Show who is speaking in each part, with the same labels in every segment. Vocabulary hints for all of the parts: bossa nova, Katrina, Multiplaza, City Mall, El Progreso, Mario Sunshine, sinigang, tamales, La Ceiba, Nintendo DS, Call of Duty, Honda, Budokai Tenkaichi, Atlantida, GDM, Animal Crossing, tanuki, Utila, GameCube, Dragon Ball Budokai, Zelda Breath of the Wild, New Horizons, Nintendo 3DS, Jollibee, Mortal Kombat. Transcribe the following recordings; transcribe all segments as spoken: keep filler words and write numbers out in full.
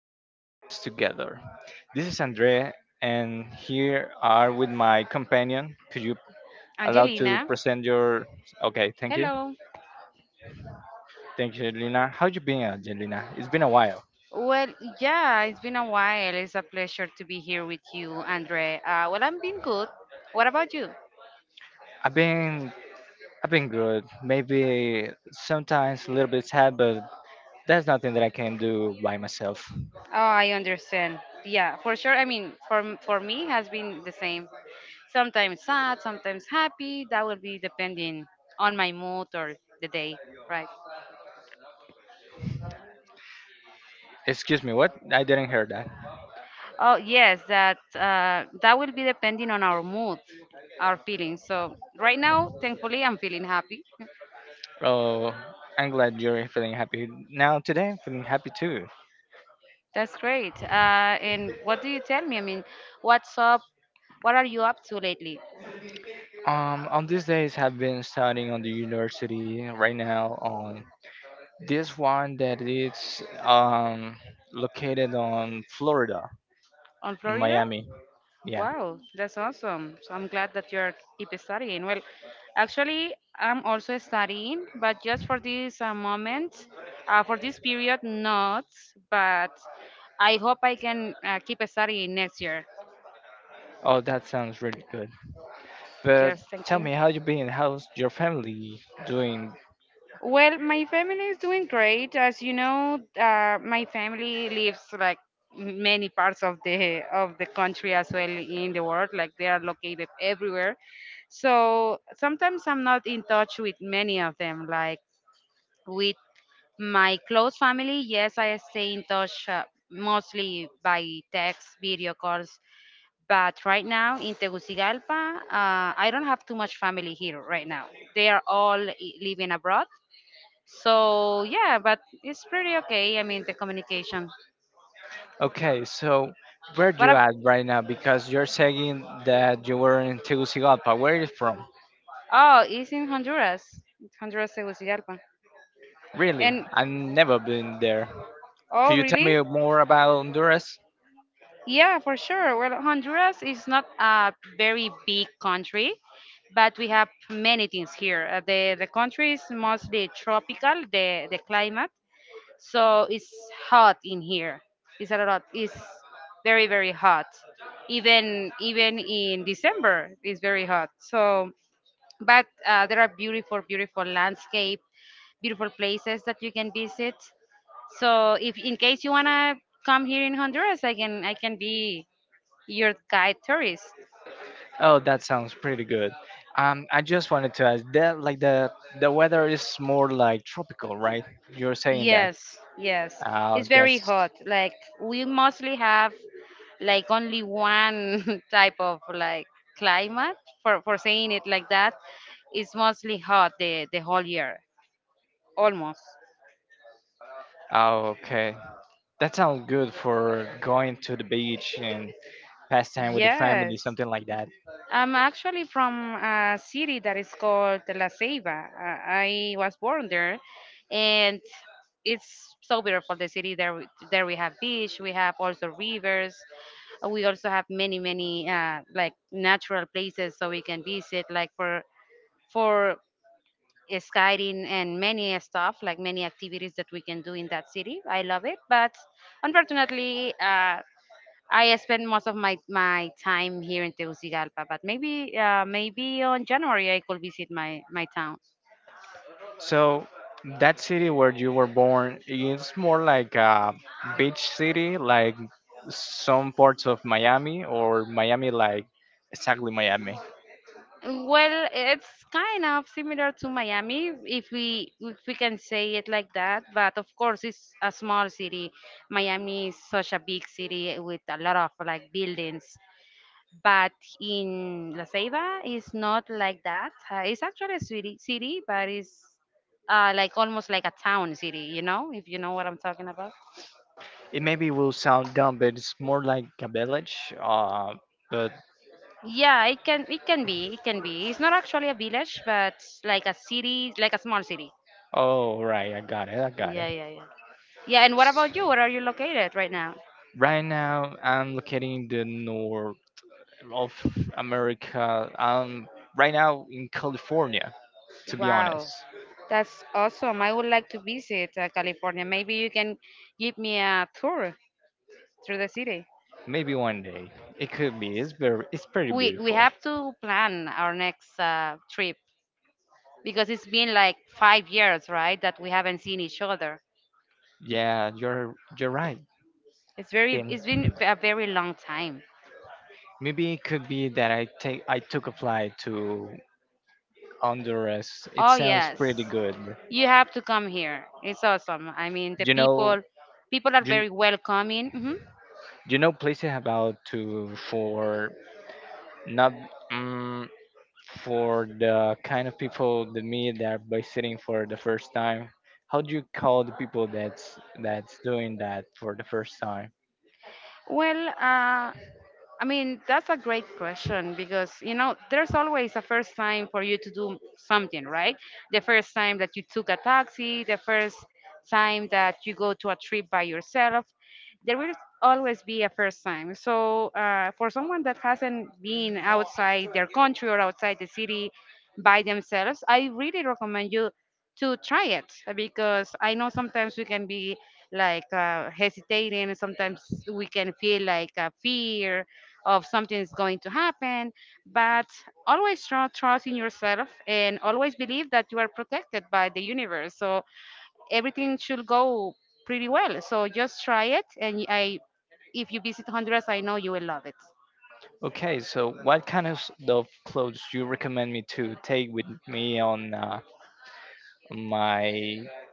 Speaker 1: One Two Friends Together. This is Andre, and here are with my companion. Could you allow to
Speaker 2: Angelina.
Speaker 1: present your? Okay, thank you,
Speaker 2: Hello.
Speaker 1: thank you, Lina. How you been, Angelina? It's been a while.
Speaker 2: Well, yeah, it's been a while. It's a pleasure to be here with you, Andre. Uh, well, I'm been good. What about you?
Speaker 1: I've been, I've been good. Maybe sometimes a little bit sad, but that's nothing that I can do by myself.
Speaker 2: Oh, I understand. Yeah, for sure. I mean, for for me, has been the same. Sometimes sad, sometimes happy. That will be depending on my mood or the day, right?
Speaker 1: Excuse me, what? I didn't hear that.
Speaker 2: Oh, yes, that uh, that will be depending on our mood, our feelings. So right now, thankfully, I'm feeling happy.
Speaker 1: Oh, I'm glad you're feeling happy now. Today, I'm feeling happy too.
Speaker 2: That's great. Uh, and what do you tell me? I mean, what's up? What are you up to lately?
Speaker 1: Um, on these days, I've been studying on the university right now on this one that is um located on Florida,
Speaker 2: On
Speaker 1: in
Speaker 2: Florida?
Speaker 1: Miami. Yeah.
Speaker 2: Wow, that's awesome. So I'm glad that you're keep studying. Well, actually, I'm also studying, but just for this uh, moment, uh, for this period, not. But I hope I can uh, keep studying next year.
Speaker 1: Oh, that sounds really good. But
Speaker 2: Yes, thank
Speaker 1: tell
Speaker 2: you.
Speaker 1: me, how you been? How's your family doing?
Speaker 2: Well, my family is doing great. As you know, uh, my family lives like many parts of the of the country as well in the world. Like they are located everywhere. So sometimes I'm not in touch with many of them. Like with my close family, yes, I stay in touch uh, mostly by text, video calls. But right now in Tegucigalpa, uh, I don't have too much family here right now. They are all i- living abroad. So yeah, but it's pretty okay. I mean, the communication.
Speaker 1: Okay, so where
Speaker 2: What?
Speaker 1: you
Speaker 2: ab-
Speaker 1: at right now? Because you're saying that you were in Tegucigalpa. Where are you from?
Speaker 2: oh, it's in Honduras. It's Honduras, Tegucigalpa.
Speaker 1: Really?
Speaker 2: And
Speaker 1: I've never been there. Could
Speaker 2: oh,
Speaker 1: you tell me
Speaker 2: really?
Speaker 1: more about Honduras?
Speaker 2: Yeah, for sure. Well, Honduras is not a very big country, but we have many things here. Uh, the the country is mostly tropical. The the climate, so it's hot in here. It's a lot. It's very very hot. Even even in December, it's very hot. So but uh, there are beautiful beautiful landscape beautiful places that you can visit so if in case you want to come here in honduras i can i can be your guide tourist.
Speaker 1: Oh, that sounds pretty good. Um, I just wanted to ask that, like the the weather is more like tropical, right? You're saying that.
Speaker 2: Yes, yes,
Speaker 1: Oh,
Speaker 2: it's very
Speaker 1: that's
Speaker 2: hot like we mostly have like only one type of like climate for for saying it like that. It's mostly hot the the whole year almost.
Speaker 1: oh, okay. That sounds good for going to the beach and pass time with the family,
Speaker 2: Yes,
Speaker 1: something like that.
Speaker 2: I'm actually from a city that is called La Ceiba. Uh, I was born there, and it's so beautiful. The city there, we- there we have beach, we have also rivers, uh, we also have many many uh, like natural places so we can visit, like for for skydiving and many stuff, like many activities that we can do in that city. I love it, but unfortunately. Uh, I spend most of my my time here in Tegucigalpa, but maybe uh, maybe on January I could visit my my town.
Speaker 1: So, that city where you were born, it's more like a beach city, like some parts of Miami or Miami, like exactly Miami.
Speaker 2: Well, it's kind of similar to Miami, if we if we can say it like that. But of course, it's a small city. Miami is such a big city with a lot of like buildings. But in La Ceiba, it's not like that. Uh, it's actually a city, city, but it's uh, like almost like a town city. You know, if you know what I'm talking about.
Speaker 1: It maybe will sound dumb, but it's more like a village. Uh, but
Speaker 2: Yeah, it can it can be. It can be. It's not actually a village, but like a city, like a small city.
Speaker 1: oh, right, I got it. I got
Speaker 2: Yeah,
Speaker 1: it.
Speaker 2: yeah, yeah. Yeah, and what about you? Where are you located right now?
Speaker 1: Right now, I'm located in the north of America. Um, right now in California, to be
Speaker 2: Wow,
Speaker 1: honest.
Speaker 2: that's awesome. I would like to visit uh, California. Maybe you can give me a tour through the city.
Speaker 1: Maybe one day it could be. It's very, it's pretty
Speaker 2: We we
Speaker 1: beautiful.
Speaker 2: have to plan our next uh, trip because it's been like five years, right, that we haven't seen each other.
Speaker 1: Yeah, you're you're right.
Speaker 2: It's very
Speaker 1: And
Speaker 2: it's been a very long time.
Speaker 1: maybe it could be that I take I took a flight to Honduras. It
Speaker 2: Oh
Speaker 1: sounds pretty
Speaker 2: yes,
Speaker 1: good.
Speaker 2: you have to come here. It's awesome. I mean, the
Speaker 1: You know,
Speaker 2: people, people are
Speaker 1: you,
Speaker 2: very welcoming. Hmm.
Speaker 1: you know places about to for not um, for the kind of people that me that are visiting for the first time. How do you call the people that's that's doing that for the first time?
Speaker 2: Well, uh, I mean, that's a great question because, you know, there's always a first time for you to do something, right? The first time that you took a taxi, the first time that you go to a trip by yourself, there will always be a first time. So, uh, for someone that hasn't been outside their country or outside the city by themselves, I really recommend you to try it uh, because I know sometimes we can be like uh, hesitating and sometimes we can feel like a fear of something is going to happen but always tru- trust in yourself and always believe that you are protected by the universe so everything should go pretty well so just try it and I if you visit honduras I know you will love it.
Speaker 1: Okay, so what kind of s- of clothes you recommend me to take with me on uh, my,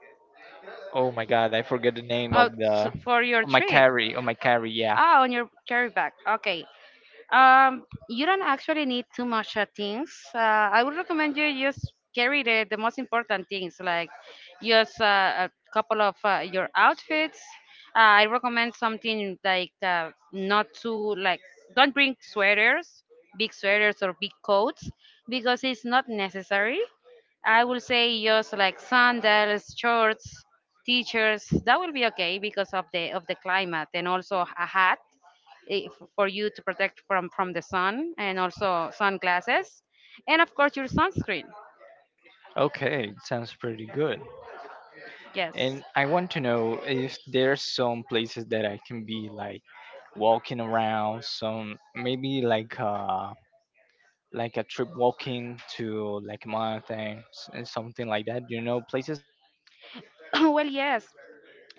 Speaker 1: oh my god, I forget the name
Speaker 2: Oh,
Speaker 1: of the.
Speaker 2: s- for your
Speaker 1: on my
Speaker 2: trip.
Speaker 1: carry on my carry Yeah.
Speaker 2: Ah, on your carry bag, okay. Um, you don't actually need too much uh, things. Uh, I would recommend you just carry the, the most important things, like just uh, a couple of uh, your outfits. Uh, I recommend something like uh, not too like don't bring sweaters, big sweaters or big coats, because it's not necessary. I will say just like sandals, shorts, t-shirts. That will be okay because of the of the climate and also a hat eh, f- for you to protect from from the sun and also sunglasses and of course your sunscreen.
Speaker 1: Okay, it sounds pretty good. And
Speaker 2: Yes.
Speaker 1: I want to know if there's some places that I can be like walking around, some maybe like uh like a trip walking to like mountains and something like that, you know, places.
Speaker 2: Well, yes,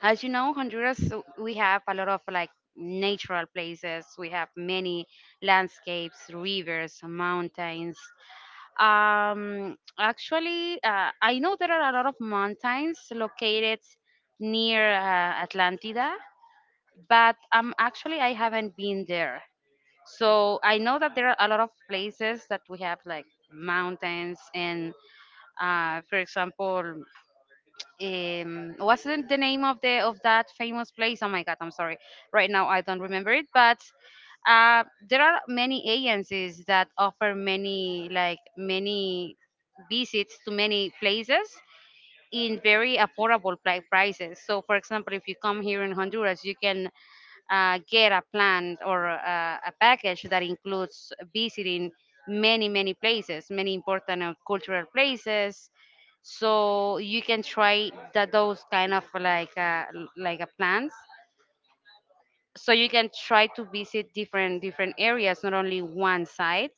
Speaker 2: as you know honduras uh, we have a lot of like natural places we have many landscapes rivers mountains um actually uh, I know there are a lot of mountains located near uh, atlantida but um actually I haven't been there. So I know that there are a lot of places that we have like mountains and uh, for example, um, what's the the name of the of that famous place? Oh my God, I'm sorry. Right now I don't remember it, but uh, there are many agencies that offer many like many visits to many places in very affordable pri- prices. So, for example, if you come here in Honduras, you can uh, get a plan or uh, a package that includes visiting many, many places, many important uh, cultural places. So you can try that those kind of like uh, l- like a plans so you can try to visit different different areas not only one site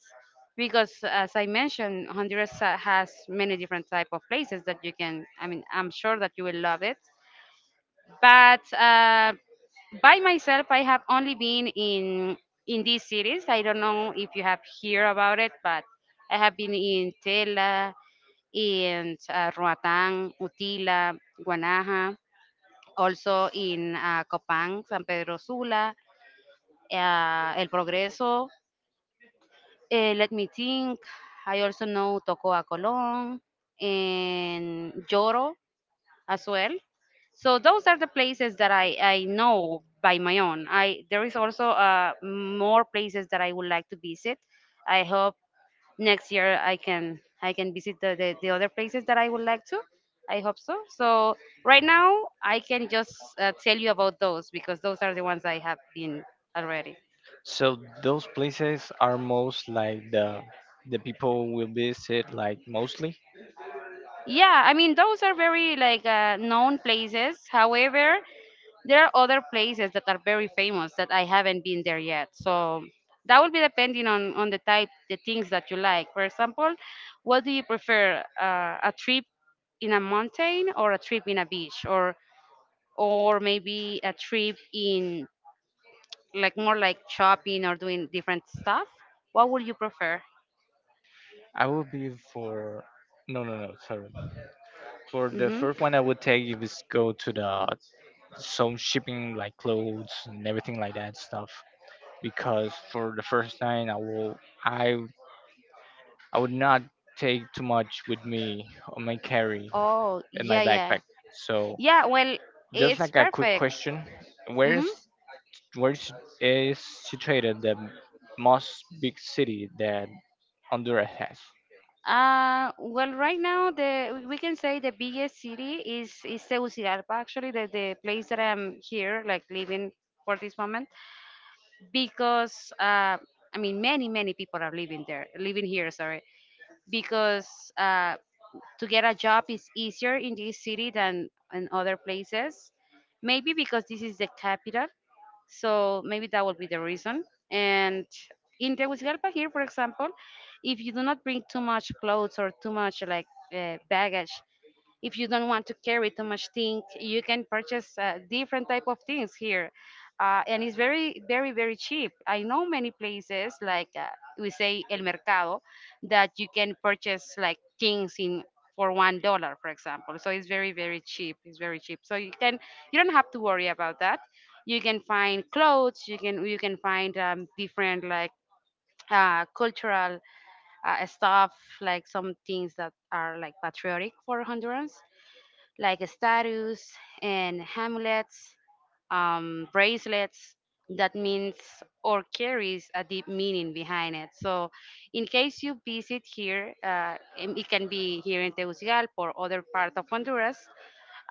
Speaker 2: because as I mentioned honduras ha- has many different type of places that you can I mean I'm sure that you will love it but uh, by myself I have only been in in these cities I don't know if you have heard about it but I have been in tela in uh, roatán utila guanaja also in uh, copan san pedro sula uh, El Progreso. Uh, let me think. I also know Tocoa Colon and Lloro as well. So those are the places that I, I know by my own. I there is also uh, more places that I would like to visit. I hope next year I can I can visit the, the, the other places that I would like to. I hope so. So right now I can just uh, tell you about those because those are the ones I have been already.
Speaker 1: So those places are most like the the people will visit like mostly.
Speaker 2: Yeah, I mean those are very like uh, known places. However, there are other places that are very famous that I haven't been there yet. So that will be depending on on the type, the things that you like. For example, what do you prefer? Uh, a trip in a mountain or a trip in a beach or or maybe a trip in like more like shopping or doing different stuff? What would you prefer?
Speaker 1: I would be for no, no, no, sorry. For the
Speaker 2: Mm-hmm.
Speaker 1: first one I would take if it's go to the some shipping like clothes and everything like that stuff, because for the first time I will I I would not take too much with me on my carry
Speaker 2: Oh,
Speaker 1: in my
Speaker 2: yeah,
Speaker 1: backpack.
Speaker 2: yeah.
Speaker 1: So
Speaker 2: Yeah, well,
Speaker 1: just
Speaker 2: it's
Speaker 1: like a quick
Speaker 2: perfect.
Speaker 1: question, where
Speaker 2: Mm-hmm.
Speaker 1: is where is, is situated the most big city that Honduras has?
Speaker 2: Uh, well, right now the we can say the biggest city is is Tegucigalpa. Actually, the the place that I'm here, like living for this moment, because uh, I mean many many people are living there, living here. Sorry, because uh, to get a job is easier in this city than in other places. Maybe because this is the capital, so maybe that will be the reason. And in Tegucigalpa here, for example, if you do not bring too much clothes or too much like uh, baggage, if you don't want to carry too much things, you can purchase uh, different type of things here, uh, and it's very, very, very cheap. I know many places like uh, we say El Mercado that you can purchase like things in for one dollar, for example. So it's very, very cheap. It's very cheap. So you can, you don't have to worry about that you can find clothes you can you can find um, different like uh, cultural uh, stuff like some things that are like patriotic for hondurans like statues and amulets, um, bracelets that means or carries a deep meaning behind it. So, in case you visit here, uh, and it can be here in Tegucigalpa or other part of Honduras.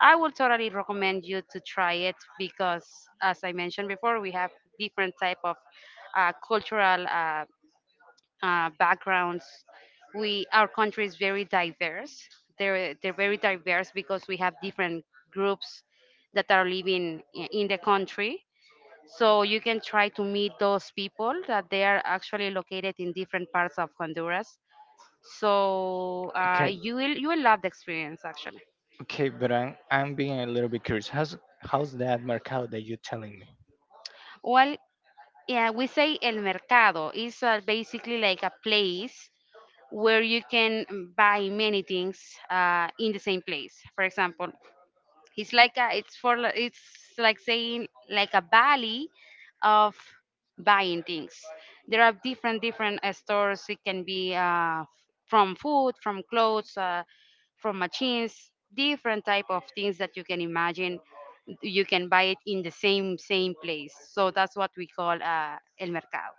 Speaker 2: I will totally recommend you to try it because, as I mentioned before, we have different type of uh, cultural uh, uh, backgrounds. We our country is very diverse. They're they're very diverse because we have different groups that are living i- in the country. So you can try to meet those people that they are actually located in different parts of Honduras. So uh,
Speaker 1: Okay,
Speaker 2: you will you will love the experience actually.
Speaker 1: okay, but I'm I'm being a little bit curious. How's how's that mercado that you're telling me?
Speaker 2: Well, yeah, we say el mercado is uh, basically like a place where you can buy many things uh, in the same place. For example, it's like a, it's for li- it's like saying like a valley of buying things. There are different different uh, stores. It can be uh, from food, from clothes, uh, from machines, different type of things that you can imagine. You can buy it in the same same place. So that's what we call uh, el mercado.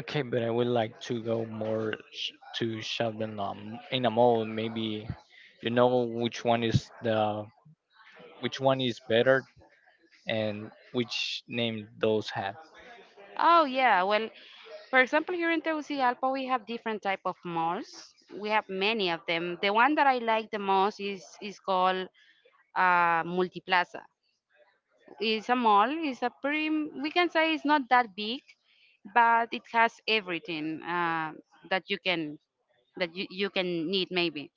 Speaker 1: Okay, but I would like to go more sh- to shopping um, in a mall. Maybe you know which one is the which one is better and which name those have.
Speaker 2: Oh yeah, well, for example, here in Tegucigalpa, we have different type of malls. We have many of them. The one that I like the most is is called uh, Multiplaza. It's a mall. It's a pretty. We can say it's not that big, but it has everything uh, that you can that you, you can need maybe.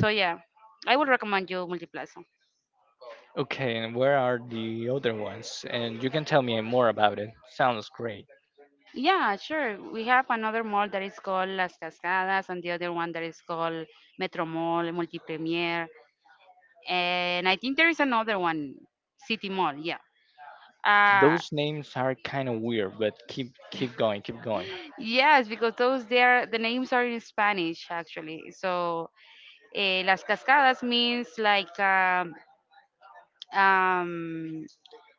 Speaker 2: So yeah, I would recommend you Multiplaza.
Speaker 1: Okay, and where are the other ones? And you can tell me more about it. Sounds great.
Speaker 2: Yeah, sure. We have another mall that is called Las Cascadas, and the other one that is called Metro Mall, Multipremier, and I think there is another one, City Mall. Yeah. Uh,
Speaker 1: Those names are kind of weird, but keep keep going, keep going.
Speaker 2: yes, because those there the names are in Spanish actually. So eh, Las Cascadas means like um, um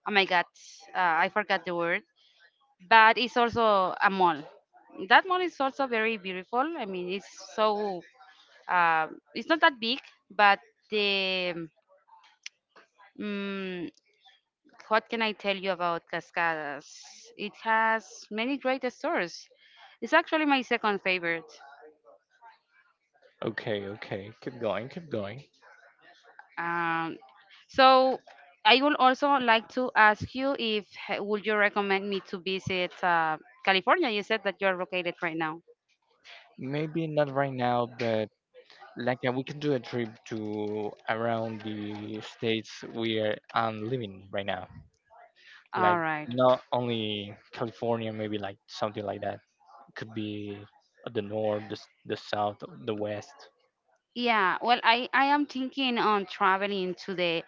Speaker 2: oh my God, uh, I forgot the word, but it's also a mall. That mall is also very beautiful. I mean, it's so Um, it's not that big, but the mm what can I tell you about Cascadas? It has many great stores. It's actually my second favorite.
Speaker 1: Okay, okay, keep going, keep going.
Speaker 2: Um, so I would also like to ask you if h- would you recommend me to visit uh, California? You said that you're located right now.
Speaker 1: Maybe not right now, but like uh, we can do a trip to around the states where I'm living right now. Like
Speaker 2: All right.
Speaker 1: not only California, maybe like something like that. Could be the north, the, s- the south, the west.
Speaker 2: Yeah, well, I, I am thinking on traveling to the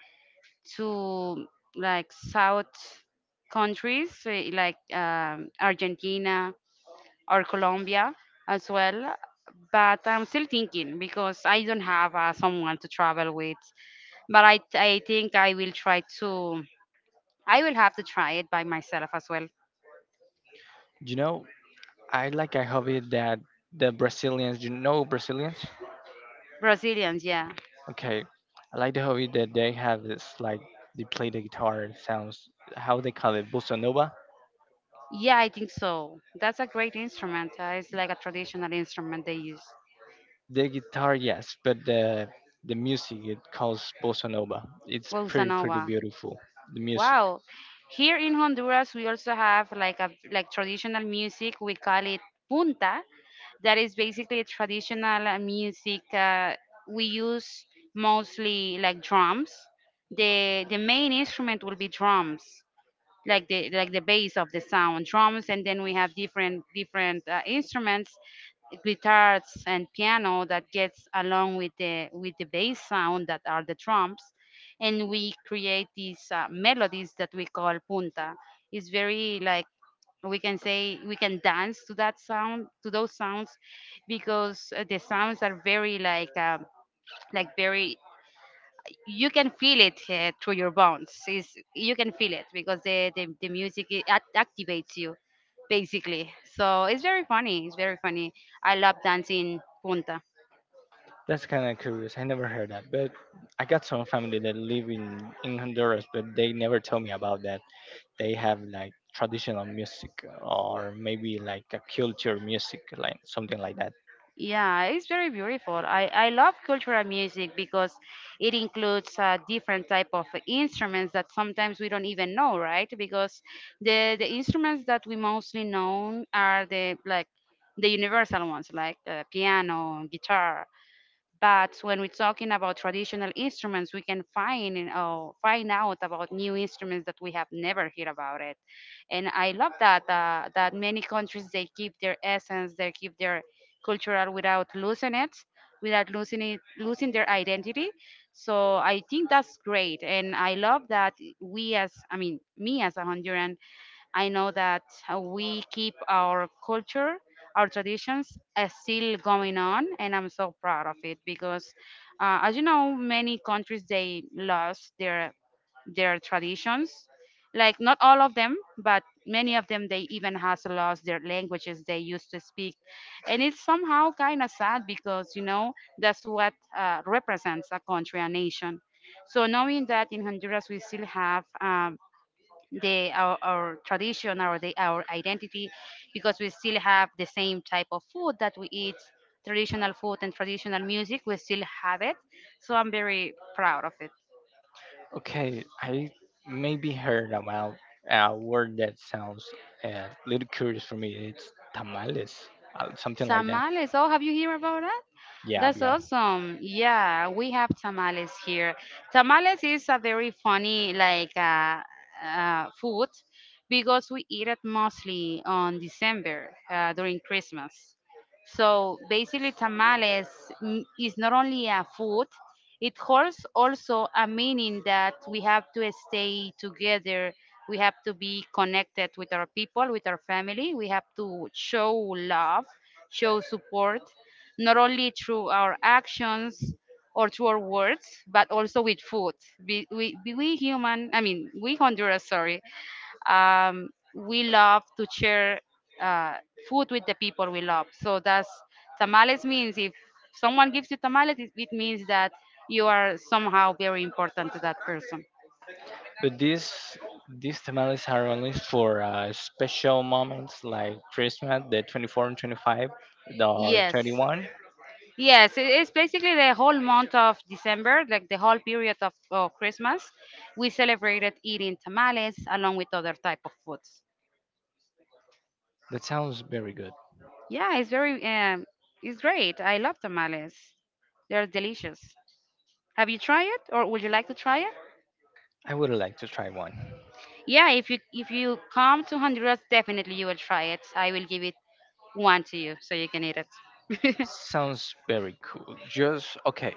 Speaker 2: to like South countries eh, like um, Argentina or Colombia as well. But I'm still thinking because I don't have uh, someone to travel with. But I, I think I will try to, I will have to try it by myself as well.
Speaker 1: You know, I like a hobby that the Brazilians, you know Brazilians?
Speaker 2: Brazilians, yeah.
Speaker 1: Okay. I like the hobby that they have. It's like they play the guitar. It sounds, how they call it, bossa nova.
Speaker 2: Yeah, I think so. That's a great instrument. Uh, it's like a traditional instrument they use.
Speaker 1: The guitar, yes, but the the music it calls bossa nova. It's
Speaker 2: Bossa
Speaker 1: pretty pretty
Speaker 2: nova.
Speaker 1: beautiful. The music.
Speaker 2: Wow. Here in Honduras, we also have like a like traditional music. We call it punta. That is basically a traditional uh, music. Uh, we use mostly like drums. The the main instrument will be drums like the like the bass of the sound drums, and then we have different different uh, instruments, guitars and piano that gets along with the with the bass sound that are the drums, and we create these uh, melodies that we call punta. It's very like we can say we can dance to that sound, to those sounds, because uh, the sounds are very like um, like very you can feel it uh, through your bones. Is you can feel it because the the, the music it act- activates you basically. So it's very funny. It's very funny. I love dancing punta.
Speaker 1: That's kind of curious. I never heard that, but I got some family that live in in Honduras, but they never tell me about that. They have like traditional music or maybe like a culture music, like something like that.
Speaker 2: Yeah, it's very, beautiful. I, I love cultural music because it includes uh, different type of instruments that sometimes we don't even know, right? Because the the instruments that we mostly know are the like the universal ones like uh, piano, guitar, but when we're talking about traditional instruments, we can find uh, find out about new instruments that we have never heard about it. And I love that uh, that many countries they keep their essence, they keep their cultural without losing it, without losing it, losing their identity. So I think that's great, and I love that we as I mean me as a Honduran I know that uh, we keep our culture, our traditions uh, still going on, and I'm so proud of it because, uh, as you know, many countries they lost their their traditions. Like not all of them, but many of them they even has lost their languages they used to speak, and it's somehow kind of sad because you know that's what uh, represents a country, a nation. So knowing that in Honduras we still have um, the our, our tradition our the, our identity, because we still have the same type of food that we eat, traditional food and traditional music, we still have it, so I'm very proud of it.
Speaker 1: Okay, I maybe heard about a word that sounds uh, a little curious for me. It's tamales, uh, something like that.
Speaker 2: Tamales. Oh, have you heard about that?
Speaker 1: Yeah,
Speaker 2: That's
Speaker 1: yeah.
Speaker 2: awesome. Yeah, we have tamales here. Tamales is a very funny like uh, uh, food because we eat it mostly on December uh, during Christmas. So basically, tamales n- is not only a food, it holds also a meaning that we have to stay together. We have to be connected with our people, with our family. We have to show love, show support, not only through our actions or through our words, but also with food. We, we, we human, I mean, we Honduras, sorry, um, we love to share uh, food with the people we love. So that's tamales means if someone gives you tamales, it, it means that you are somehow very important to that person.
Speaker 1: But these these tamales are only for uh, special moments like Christmas, the twenty fourth and twenty fifth, or
Speaker 2: Yes.
Speaker 1: thirty first.
Speaker 2: Yes, it- it's basically the whole month of December, like the whole period of, of Christmas. We celebrated eating tamales along with other type of foods.
Speaker 1: That sounds very good.
Speaker 2: Yeah, it's very, um, it's great. I love tamales. They're delicious. Have you tried it, or would you like to try it?
Speaker 1: I would like to try one.
Speaker 2: Yeah, if you if you come to Honduras, definitely you will try it. I will give it one to you so you can eat it.
Speaker 1: Sounds very cool. Just okay.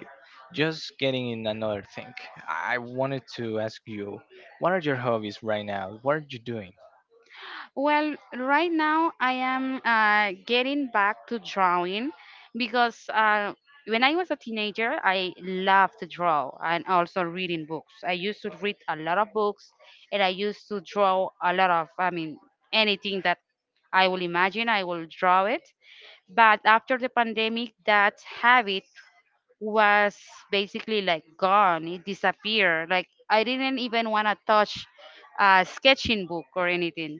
Speaker 1: Just getting in another thing. I wanted to ask you, what are your hobbies right now? What are you doing?
Speaker 2: Well, right now I am uh, getting back to drawing because uh, when I was a teenager, I loved to draw and also reading books. I used to read a lot of books, and I used to draw a lot of, I mean, anything that I will imagine, I will draw it. But after the pandemic, that habit was basically like gone. It disappeared. Like I didn't even want to touch a sketching book or anything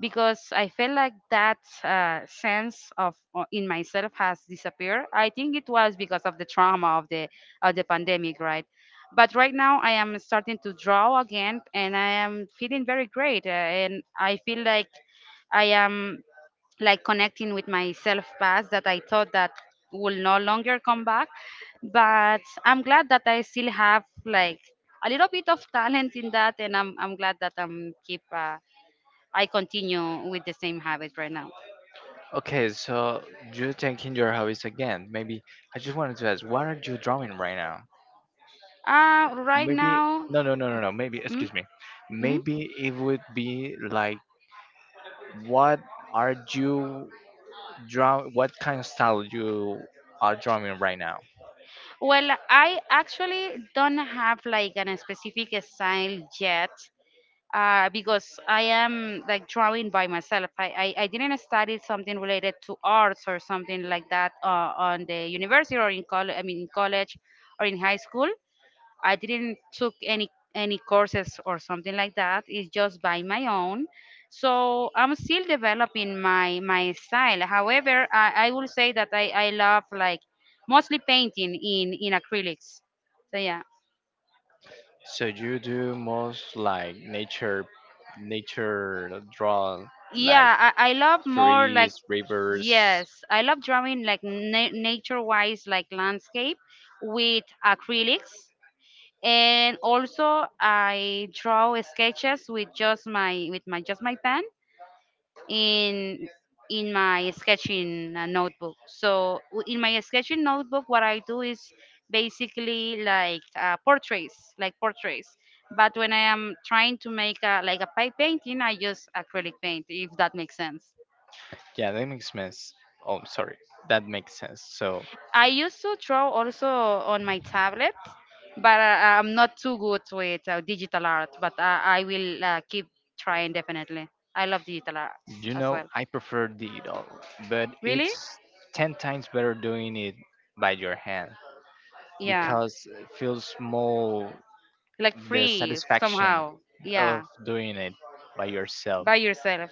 Speaker 2: because I felt like that uh, sense of uh, in myself has disappeared. I think it was because of the trauma of the of the pandemic, right? But right now I am starting to draw again, and I am feeling very great, uh, and I feel like I am like connecting with my self past that I thought that will no longer come back. But I'm glad that I still have like a little bit of talent in that, and I'm I'm glad that I'm keep uh, I continue with the same habit right now.
Speaker 1: Okay, so you're taking your hobbies again. Maybe I just wanted to ask, what are you drawing right now?
Speaker 2: Uh, right
Speaker 1: Maybe
Speaker 2: now.
Speaker 1: no, no, no, no, no. Maybe
Speaker 2: Mm,
Speaker 1: excuse me.
Speaker 2: hmm
Speaker 1: Maybe it would be like, what are you draw? What kind of style you are drawing right now?
Speaker 2: Well, I actually don't have like an specific style yet uh, because I am like drawing by myself. I, I, I didn't study something related to arts or something like that uh, on the university or in college. I mean, in college or in high school. I didn't took any any courses or something like that. It's just by my own. So I'm still developing my my style. However, I, I will say that I, I love like mostly painting in in acrylics. So yeah.
Speaker 1: So you do most like nature, nature draw, like
Speaker 2: Yeah, I, I love more like
Speaker 1: trees, rivers.
Speaker 2: yes I love drawing like na- nature wise like landscape with acrylics, and also I draw sketches with just my with my just my pen in in my sketching uh, notebook. So w- in my sketching notebook what I do is basically like uh, portraits, like portraits, but when I am trying to make a, like a pipe painting I use acrylic paint, if that makes sense.
Speaker 1: Yeah, that makes sense. Oh, sorry, that makes sense. So
Speaker 2: I used to draw also on my tablet, but I, I'm not too good with uh, digital art. But I, I will uh, keep trying definitely. I love digital art
Speaker 1: you
Speaker 2: as
Speaker 1: know,
Speaker 2: well.
Speaker 1: I prefer digital, but
Speaker 2: Really?
Speaker 1: it's ten times better doing it by your hand,
Speaker 2: Yeah.
Speaker 1: because it feels more
Speaker 2: Like
Speaker 1: the
Speaker 2: free
Speaker 1: satisfaction
Speaker 2: somehow.
Speaker 1: of
Speaker 2: Yeah.
Speaker 1: doing it by yourself.
Speaker 2: By yourself.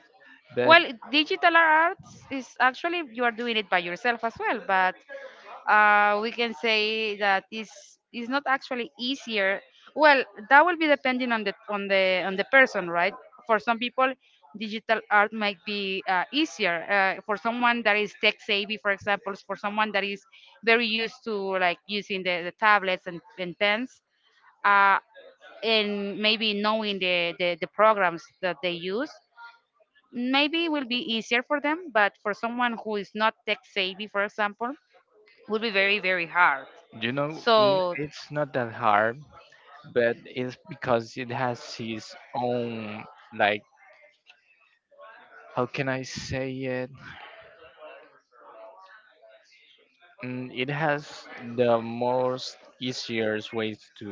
Speaker 1: But
Speaker 2: Well, digital arts is actually you are doing it by yourself as well, but uh, we can say that is is not actually easier. Well, that will be depending on the on the on the person, right? For some people, digital art might be uh, easier. Uh, for someone that is tech savvy, for example, for someone that is very used to like using the, the tablets and, and pens, uh, and maybe knowing the, the the programs that they use, maybe it will be easier for them. But for someone who is not tech savvy, for example, would be very very hard
Speaker 1: you know, n-
Speaker 2: so
Speaker 1: it's not that hard, but it's because it has its own, like, how can I say it? Mm, It has the most easiest ways to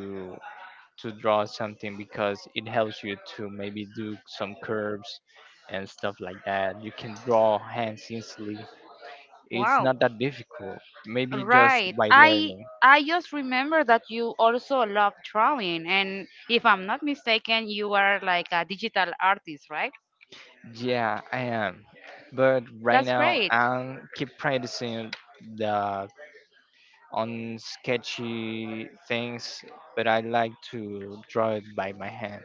Speaker 1: to draw something, because it helps you to maybe do some curves and stuff like that. You can draw hands easily. It's
Speaker 2: wow
Speaker 1: not that difficult. Maybe just
Speaker 2: right
Speaker 1: by
Speaker 2: i
Speaker 1: learning.
Speaker 2: i just remember that you also love drawing, and if I'm not mistaken you are like a digital artist, right?
Speaker 1: Yeah, I am. But right
Speaker 2: That's
Speaker 1: now,
Speaker 2: great.
Speaker 1: I'm keep practicing the on sketchy things, but I like to draw it by my hand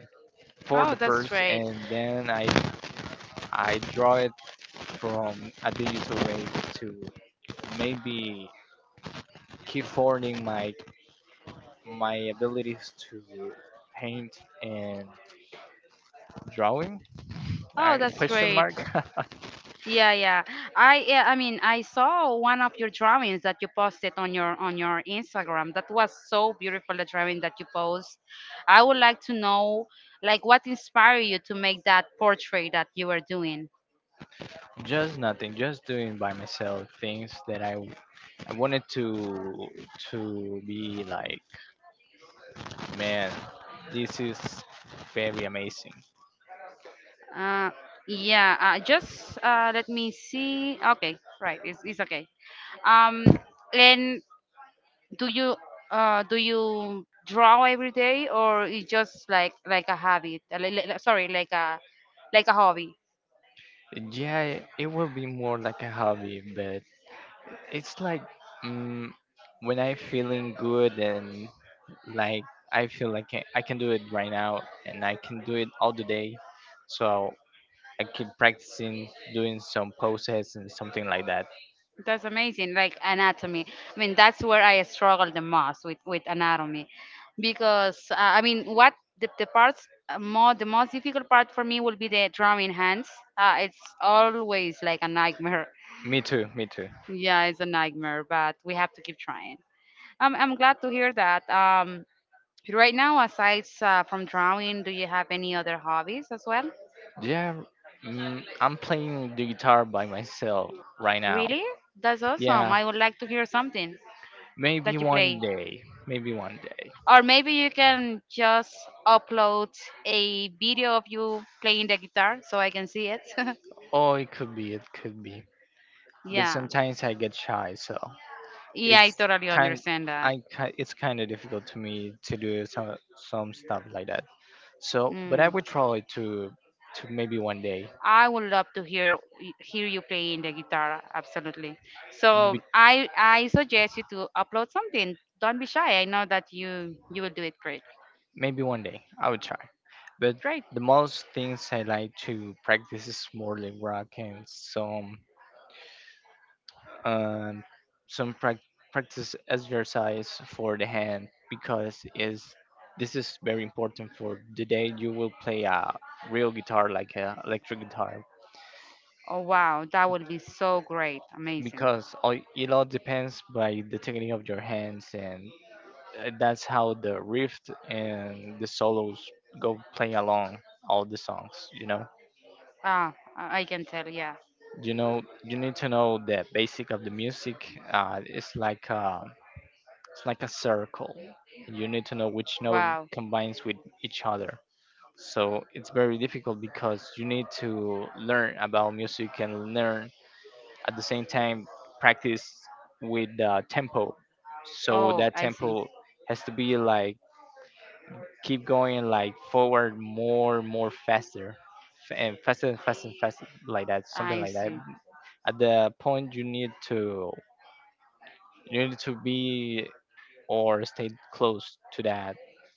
Speaker 1: for
Speaker 2: Oh,
Speaker 1: the
Speaker 2: that's
Speaker 1: first,
Speaker 2: great.
Speaker 1: and then I I draw it from a digital way to maybe keep honing my my abilities to paint and drawing.
Speaker 2: Oh,
Speaker 1: I
Speaker 2: that's
Speaker 1: question
Speaker 2: great.
Speaker 1: mark.
Speaker 2: Yeah, yeah. I yeah, I mean, I saw one of your drawings that you posted on your on your Instagram. That was so beautiful the drawing that you post. I would like to know like what inspired you to make that portrait that you were doing.
Speaker 1: Just nothing, just doing by myself things that I w- I wanted to to be like, man, this is very amazing.
Speaker 2: Uh yeah, uh, just uh let me see. Okay, right. It's it's okay. Um and do you uh do you draw every day, or it's just like like a habit? Uh, li- li- Sorry, like a like a hobby.
Speaker 1: Yeah, it it will be more like a hobby, but it's like mm when I'm feeling good, and like I feel like I I can do it right now and I can do it all the day. So I keep practicing doing some poses and something like that.
Speaker 2: That's amazing. Like anatomy. I mean, that's where I struggle the most with with anatomy, because uh, I mean, what the, the parts uh, more the most difficult part for me will be the drawing hands. Uh, it's always like a nightmare.
Speaker 1: Me too, me too.
Speaker 2: Yeah, it's a nightmare, but we have to keep trying. I'm I'm glad to hear that. Um, right now, aside uh, from drawing, do you have any other hobbies as well?
Speaker 1: Yeah, mm, I'm playing the guitar by myself right now.
Speaker 2: Really? That's awesome.
Speaker 1: Yeah,
Speaker 2: I would like to hear something
Speaker 1: maybe
Speaker 2: that you
Speaker 1: one
Speaker 2: play.
Speaker 1: day, maybe one day.
Speaker 2: Or maybe you can just upload a video of you playing the guitar so I can see it.
Speaker 1: Oh, it could be, it could be. But
Speaker 2: Yeah.
Speaker 1: sometimes I get shy, so
Speaker 2: Yeah, I
Speaker 1: it's
Speaker 2: totally
Speaker 1: kind,
Speaker 2: understand that.
Speaker 1: I ki- it's kind of difficult to me to do some some stuff like that. So, but I
Speaker 2: Mm.
Speaker 1: would try to to maybe one day.
Speaker 2: I would love to hear hear you playing the guitar, absolutely.
Speaker 1: Be-
Speaker 2: So I I suggest you to upload something. Don't be shy. I know that you you will do it great.
Speaker 1: Maybe one day I would try. But
Speaker 2: Great.
Speaker 1: the most things I like to practice is more like rock and some um, some prac- practice exercise for the hand, because is this is very important for the day you will play a real guitar, like a electric guitar,
Speaker 2: Oh wow, that would be so great. Amazing.
Speaker 1: because all, it all depends by the technique of your hands, and uh, that's how the riff and the solos go play along all the songs you know
Speaker 2: Ah, I I can tell. Yeah.
Speaker 1: You know, you need to know the basic of the music, uh, it's like uh, It's like a circle. You need to know which node
Speaker 2: Wow.
Speaker 1: combines with each other. So it's very difficult because you need to learn about music and learn at the same time practice with the tempo. So
Speaker 2: Oh,
Speaker 1: that
Speaker 2: I see.
Speaker 1: tempo has to be like keep going like forward more more faster, f- and faster and faster and faster, like that, something
Speaker 2: I
Speaker 1: like that,
Speaker 2: see.
Speaker 1: at the point you need to you need to be or stayed close to that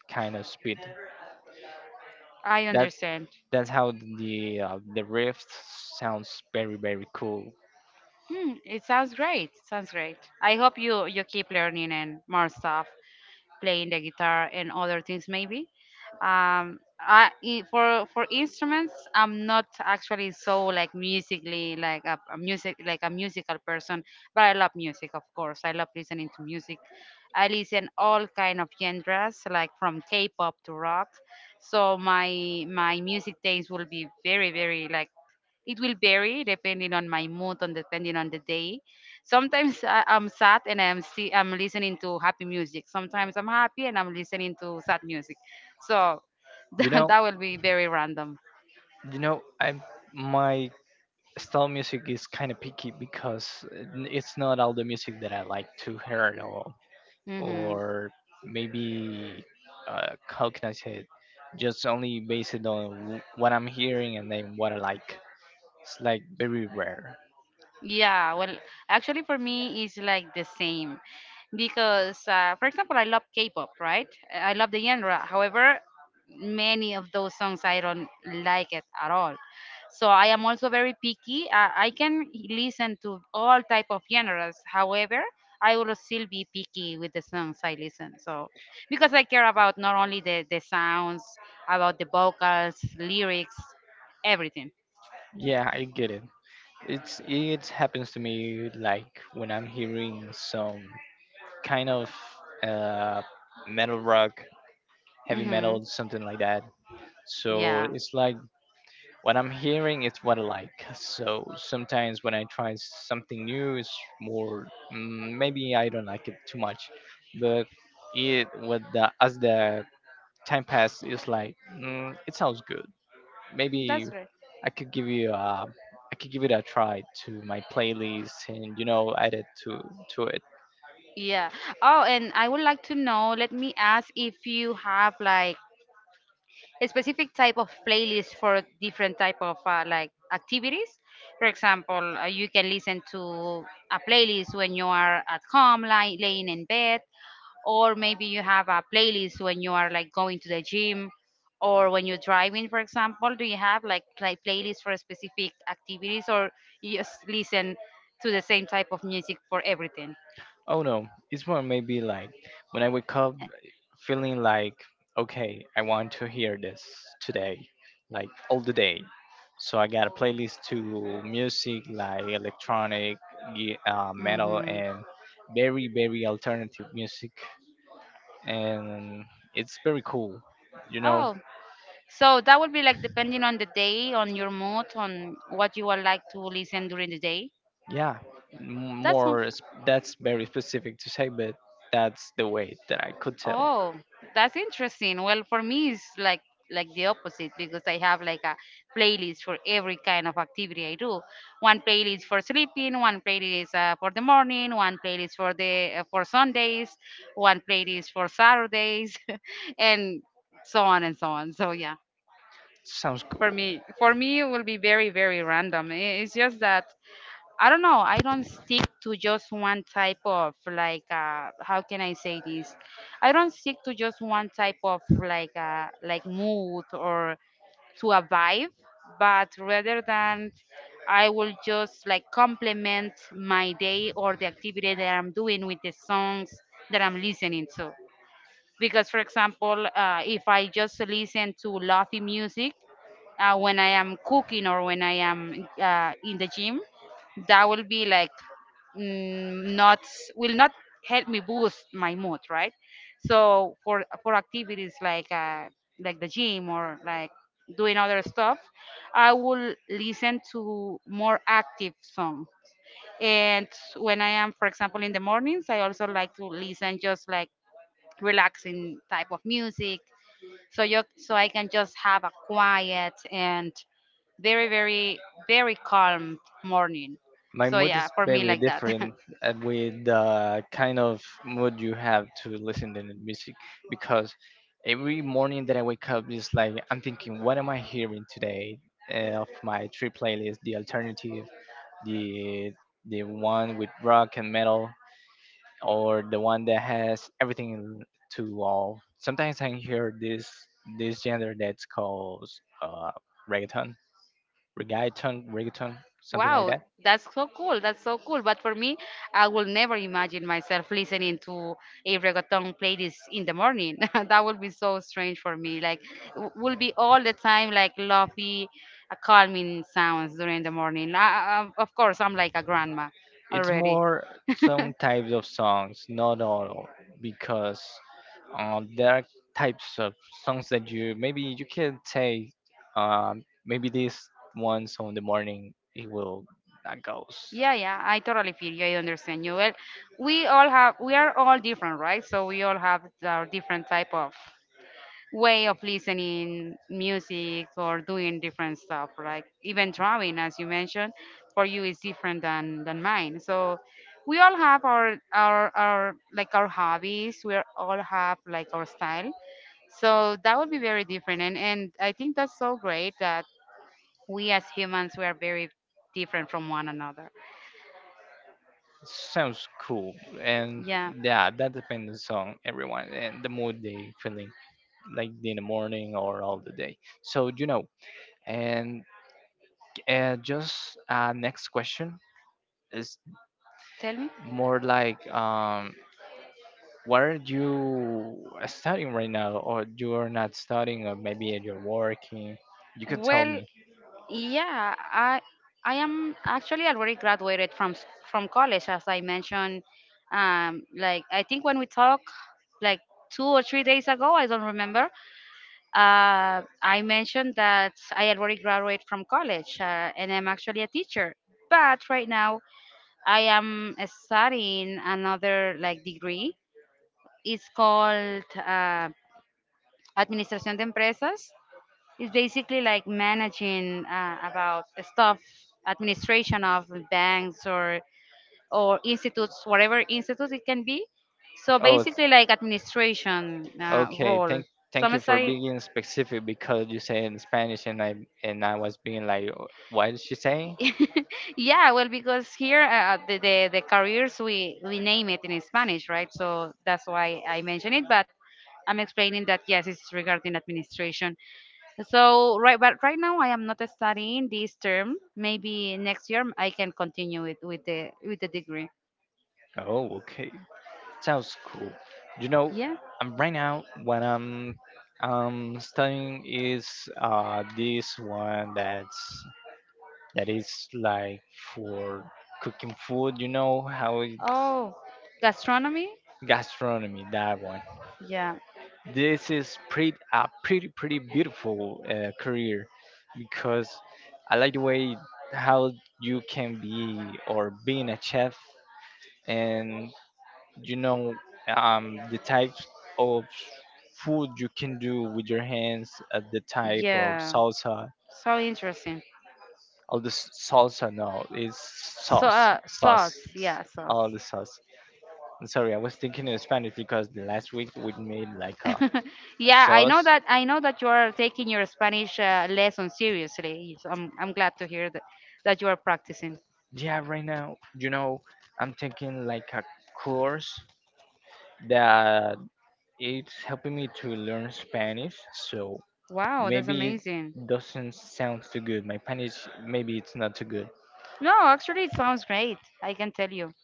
Speaker 1: kind of speed.
Speaker 2: I
Speaker 1: That
Speaker 2: understand.
Speaker 1: that's how the uh, the rift sounds very very cool.
Speaker 2: Hmm, it sounds great. Sounds great. I hope you you keep learning and more stuff playing the guitar and other things maybe. Um, I i- for for instruments, I'm not actually so like musically like a, a music like a musical person, but I love music, of course. I love listening to music. I listen all kind of genres, like from K-pop to rock. So my my music taste will be very very like it will vary depending on my mood and depending on the day. Sometimes I, I'm sad and I'm see I'm listening to happy music. Sometimes I'm happy and I'm listening to sad music. So
Speaker 1: You
Speaker 2: that,
Speaker 1: know,
Speaker 2: that will be very random.
Speaker 1: you know, I my style music is kind of picky, because n- it's not all the music that I like to hear at all,
Speaker 2: Hmm.
Speaker 1: or maybe uh, how can I say it? Just only based on wh- what I'm hearing and then what I like. It's like very rare.
Speaker 2: Yeah, well, actually, for me, it's like the same because, uh, for example, I love K-pop, right? I love the genre. However, many of those songs I don't like it at all. So I am also very picky. I, I can listen to all type of genres. However, I will still be picky with the songs I listen So because I care about not only the the sounds, about the vocals, lyrics, everything.
Speaker 1: Yeah, I get it. It's it happens to me like when I'm hearing some kind of uh, metal rock, heavy
Speaker 2: Hmm.
Speaker 1: metal, something like that. So
Speaker 2: Yeah,
Speaker 1: it's like what I'm hearing is what I like. So sometimes when I try something new, it's more mm, maybe I don't like it too much, but it with the as the time passes, it's like mm, it sounds good. Maybe
Speaker 2: that's right.
Speaker 1: I could give you a, I could give it a try to my playlist and you know add it to to it.
Speaker 2: Yeah. Oh, and I would like to know, let me ask if you have like a specific type of playlist for different type of uh, like activities. For example, uh, you can listen to a playlist when you are at home, like laying in bed, or maybe you have a playlist when you are like going to the gym or when you're driving, for example. Do you have like play playlists for specific activities, or you just listen to the same type of music for everything?
Speaker 1: Oh no, it's more maybe like when I wake up feeling like, okay, I want to hear this today, like all the day. So I got a playlist to music like electronic, ye- uh, metal,
Speaker 2: Mm-hmm.
Speaker 1: and very very alternative music, and it's very cool, you know.
Speaker 2: Oh. So that would be like depending on the day, on your mood, on what you would like to listen during the day.
Speaker 1: yeah m-
Speaker 2: That's one-
Speaker 1: more sp- that's very specific to say, but that's the way that I could tell.
Speaker 2: oh, that's interesting. Well, for me, it's like like the opposite because I have like a playlist for every kind of activity I do. One playlist for sleeping, one playlist uh, for the morning, one playlist for the uh, for Sundays, one playlist for Saturdays, and so on and so on. So yeah,
Speaker 1: Sounds
Speaker 2: for
Speaker 1: cool.
Speaker 2: me, for me, it will be very very random. I- It's just that I don't know. I don't stick to just one type of like uh how can I say this? I don't stick to just one type of like uh like mood or to a vibe, but rather than I will just like complement my day or the activity that I'm doing with the songs that I'm listening to. Because for example, uh, if I just listen to lofi music, uh, when I am cooking or when I am uh, in the gym, that will be like mm, not will not help me boost my mood, right? So for for activities like uh, like the gym or like doing other stuff, I will listen to more active song. And when I am, for example, in the mornings, I also like to listen just like relaxing type of music so you so I can just have a quiet and very very very calm morning.
Speaker 1: My
Speaker 2: So
Speaker 1: mood
Speaker 2: yeah,
Speaker 1: is
Speaker 2: for me
Speaker 1: very
Speaker 2: like that.
Speaker 1: different uh, with the kind of mood you have to listen to the music, because every morning that I wake up is like I'm thinking what am I hearing today. Uh, of my three playlists, the alternative, the the one with rock and metal, or the one that has everything to all. Sometimes I hear this this genre that's called uh, reggaeton, reggaeton, reggaeton, something like
Speaker 2: Wow,
Speaker 1: that.
Speaker 2: that's so cool. That's so cool. But for me, I will never imagine myself listening to a reggaeton playlist in the morning. That would be so strange for me. Like w- will be all the time like lovey, uh, calming sounds during the morning. I, I, of course, I'm like a grandma
Speaker 1: It's
Speaker 2: already.
Speaker 1: more some types of songs, not all, because um, there are types of songs that you maybe you can say, um, maybe this once on the morning it will that goes
Speaker 2: Yeah, yeah, I totally feel you. I understand you. Well, we all have, we are all different, right? So we all have our different type of way of listening music or doing different stuff, right? Even drawing, as you mentioned, for you is different than than mine. So we all have our our our like our hobbies. We all have like our style. So that would be very different, and and I think that's so great that we as humans we are very different from one another.
Speaker 1: sounds cool. And
Speaker 2: Yeah,
Speaker 1: yeah, that depends on everyone and the mood they feeling, like in the morning or all the day, so you know. And uh, just uh, next question is
Speaker 2: tell me.
Speaker 1: more like um what are you studying right now, or you're not studying, or maybe you're working, you could tell
Speaker 2: Well,
Speaker 1: me.
Speaker 2: yeah, I I am actually already graduated from s- from college, as I mentioned. Um, like I think when we talked, like two or three days ago, I don't remember. Uh, I mentioned that I already graduated from college, uh, and I'm actually a teacher. But right now, I am studying another like degree. It's called uh, Administración de Empresas. It's basically like managing uh, about the stuff, administration of banks or or institutes, whatever institute it can be. So
Speaker 1: oh it's-
Speaker 2: basically like administration uh,
Speaker 1: okay,
Speaker 2: role.
Speaker 1: thank
Speaker 2: So
Speaker 1: thank
Speaker 2: I'm
Speaker 1: you for
Speaker 2: sorry.
Speaker 1: being specific, because you say in Spanish and i and i was being like "Oh, what is she saying?"
Speaker 2: Yeah, well, because here uh, uh, the, the the careers we we name it in Spanish, right? So that's why I mention it. But I'm explaining that yes, it's regarding administration. So right, but right now I am not studying this term. Maybe next year I can continue with with the with the degree.
Speaker 1: Oh, okay. Sounds cool. You know,
Speaker 2: Yeah.
Speaker 1: um, right now what I'm um studying is uh this one that's that is like for cooking food. You know how it,
Speaker 2: Oh, gastronomy.
Speaker 1: gastronomy that one.
Speaker 2: Yeah.
Speaker 1: This is pretty a pretty pretty beautiful uh, career because I like the way how you can be or being a chef, and you know, um, the types of food you can do with your hands, uh, the type of
Speaker 2: Yeah.
Speaker 1: salsa,
Speaker 2: So interesting.
Speaker 1: all the s- salsa no, it's
Speaker 2: So
Speaker 1: sauce,
Speaker 2: uh, sauce.
Speaker 1: sauce,
Speaker 2: Yeah, sauce.
Speaker 1: all the sauce. I'm sorry, I was thinking in Spanish because the last week we made like a, a
Speaker 2: Yeah, I know
Speaker 1: sauce.
Speaker 2: that. I know that you are taking your Spanish uh, lesson seriously. So I'm I'm glad to hear that that you are practicing.
Speaker 1: Yeah, right now, you know, I'm thinking like a course that it's helping me to learn Spanish, so
Speaker 2: Wow, that's
Speaker 1: maybe it
Speaker 2: amazing.
Speaker 1: doesn't sound too good, my Spanish, maybe it's not too good.
Speaker 2: No, actually, it sounds great. I can tell you.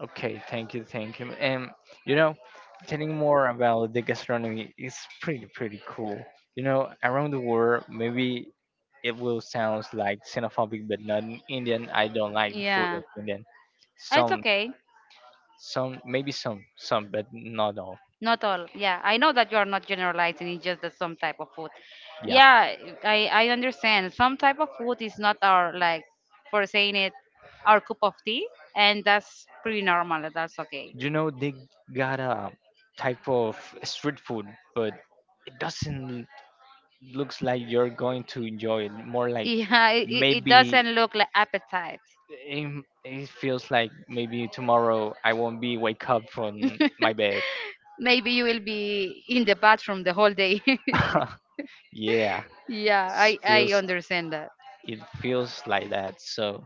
Speaker 1: Okay, thank you, thank you. And you know, telling more about the gastronomy is pretty pretty cool. You know, around the world, maybe it will sound like xenophobic, but not in Indian. I don't like the food
Speaker 2: Yeah,
Speaker 1: of Indian.
Speaker 2: it's
Speaker 1: Some,
Speaker 2: okay.
Speaker 1: some, maybe some, some, but not all.
Speaker 2: Not all. Yeah, I know that you are not generalizing. It's just that some type of food.
Speaker 1: Yeah,
Speaker 2: Yeah, I I understand. Some type of food is not our like, for saying it, our cup of tea, and that's pretty normal. That's okay.
Speaker 1: you know, they got a type of street food, but it doesn't looks like you're going to enjoy it. More like
Speaker 2: Yeah, it, it it
Speaker 1: maybe
Speaker 2: doesn't look like appetite.
Speaker 1: it, it feels like maybe tomorrow I won't be wake up from my bed.
Speaker 2: Maybe you will be in the bathroom the whole day.
Speaker 1: Yeah,
Speaker 2: Yeah,
Speaker 1: s-
Speaker 2: I I
Speaker 1: feels
Speaker 2: understand that.
Speaker 1: it feels like that. So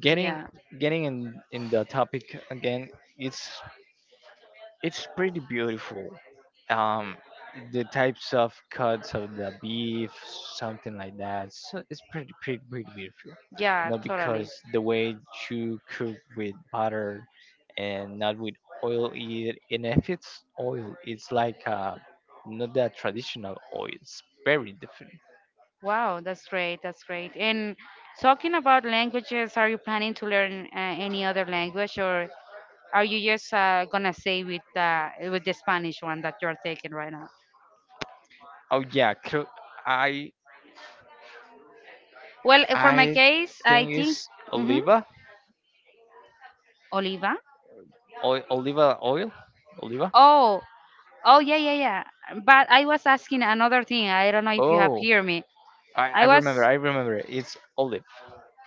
Speaker 1: getting
Speaker 2: Yeah,
Speaker 1: getting in in the topic again, it's it's pretty beautiful. Um, the types of cuts of the beef, something like that. So it's pretty, pretty, pretty beautiful. You
Speaker 2: yeah,
Speaker 1: know,
Speaker 2: totally.
Speaker 1: because the way you cook with butter and not with oil, it, and if it's oil, it's like uh, not that traditional oil. It's very different.
Speaker 2: Wow, that's great. That's great. And talking about languages, are you planning to learn uh, any other language, or are you just uh, gonna stay with uh, with the Spanish one that you're taking right now?
Speaker 1: Oh yeah, cl- I
Speaker 2: Well, uh, for my
Speaker 1: I
Speaker 2: case, I
Speaker 1: think
Speaker 2: think
Speaker 1: it's
Speaker 2: hmm.
Speaker 1: oliva,
Speaker 2: Oliva.
Speaker 1: oil, oliva oil, oliva.
Speaker 2: Oh, oh yeah, yeah, yeah. But I was asking another thing. I don't know if you have
Speaker 1: Oh,
Speaker 2: heard me.
Speaker 1: I, I
Speaker 2: I
Speaker 1: remember,
Speaker 2: was
Speaker 1: I remember. It's olive,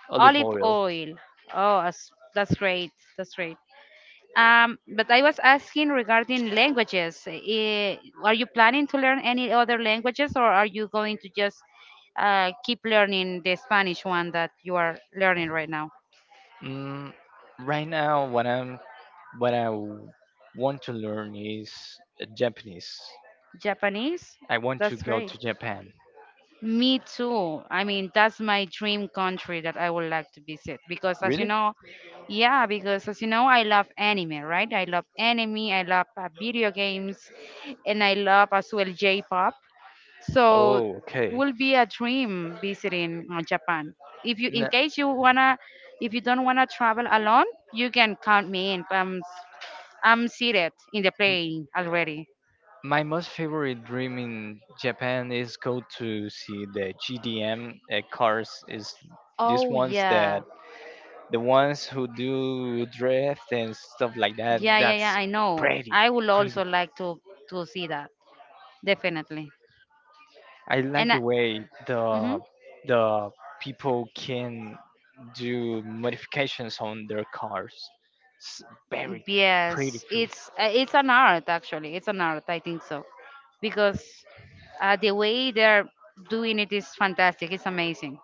Speaker 1: olive
Speaker 2: olive
Speaker 1: oil.
Speaker 2: oil. Oh, that's, that's great. That's great. Um, but I was asking regarding languages. Eh, are you planning to learn any other languages, or are you going to just uh, keep learning the Spanish one that you are learning right now?
Speaker 1: Mm, right now, what I'm, what I w- want to learn is uh, Japanese.
Speaker 2: Japanese?
Speaker 1: I want to
Speaker 2: That's
Speaker 1: go
Speaker 2: great.
Speaker 1: to Japan.
Speaker 2: Me too. I mean, that's my dream country that I would like to visit because, as you
Speaker 1: Really?
Speaker 2: know, yeah, because as you know, I love anime, right? I love anime, I love uh, video games, and I love as well J-pop. So
Speaker 1: Oh, okay.
Speaker 2: will be a dream visiting uh, Japan. If you, in
Speaker 1: N-
Speaker 2: case you wanna, if you don't wanna travel alone, you can count me in. I'm, s- I'm seated in the
Speaker 1: m-
Speaker 2: plane already.
Speaker 1: my most favorite dream in Japan is go to see the G D M uh, cars. Is these
Speaker 2: Oh
Speaker 1: ones that
Speaker 2: yeah,
Speaker 1: the ones who do drift and stuff like that.
Speaker 2: yeah, yeah, yeah.
Speaker 1: That's
Speaker 2: I know.
Speaker 1: pretty,
Speaker 2: I would
Speaker 1: pretty.
Speaker 2: also like to to see that definitely.
Speaker 1: I like
Speaker 2: And I,
Speaker 1: the way
Speaker 2: mhm.
Speaker 1: the the people can do modifications on their cars. It's very
Speaker 2: Yes,
Speaker 1: beautiful.
Speaker 2: it's uh, it's an art actually. It's an art. I think so because uh, the way they're doing it is fantastic. It's amazing.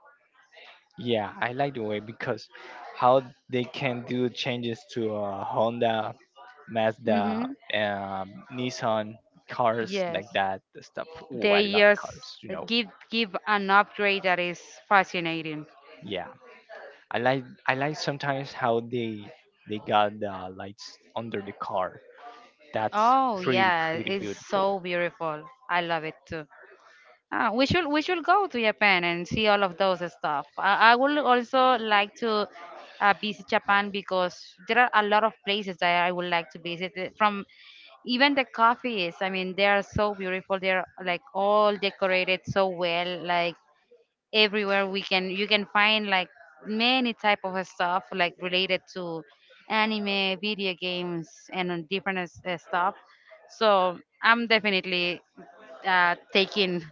Speaker 1: Yeah, I like the way because how they can do changes to uh, Honda, Mazda,
Speaker 2: Hmm.
Speaker 1: um, Nissan cars
Speaker 2: Yes,
Speaker 1: like that the stuff. Ooh, I
Speaker 2: they
Speaker 1: love
Speaker 2: just
Speaker 1: cars, you know.
Speaker 2: give give an upgrade that is fascinating.
Speaker 1: Yeah, I like I like sometimes how they they got the lights under the car. That's
Speaker 2: Oh
Speaker 1: pretty
Speaker 2: yeah,
Speaker 1: pretty
Speaker 2: it's
Speaker 1: beautiful.
Speaker 2: so beautiful. I love it too. Ah, we should we should go to Japan and see all of those stuff. I, I would also like to uh, visit Japan because there are a lot of places that I would like to visit. eh, From even the coffees, I mean, they are so beautiful. They're like all decorated so well. Like everywhere we can you can find like many type of stuff like related to anime, video games, and on different s- uh, stuff. So I'm definitely uh, taking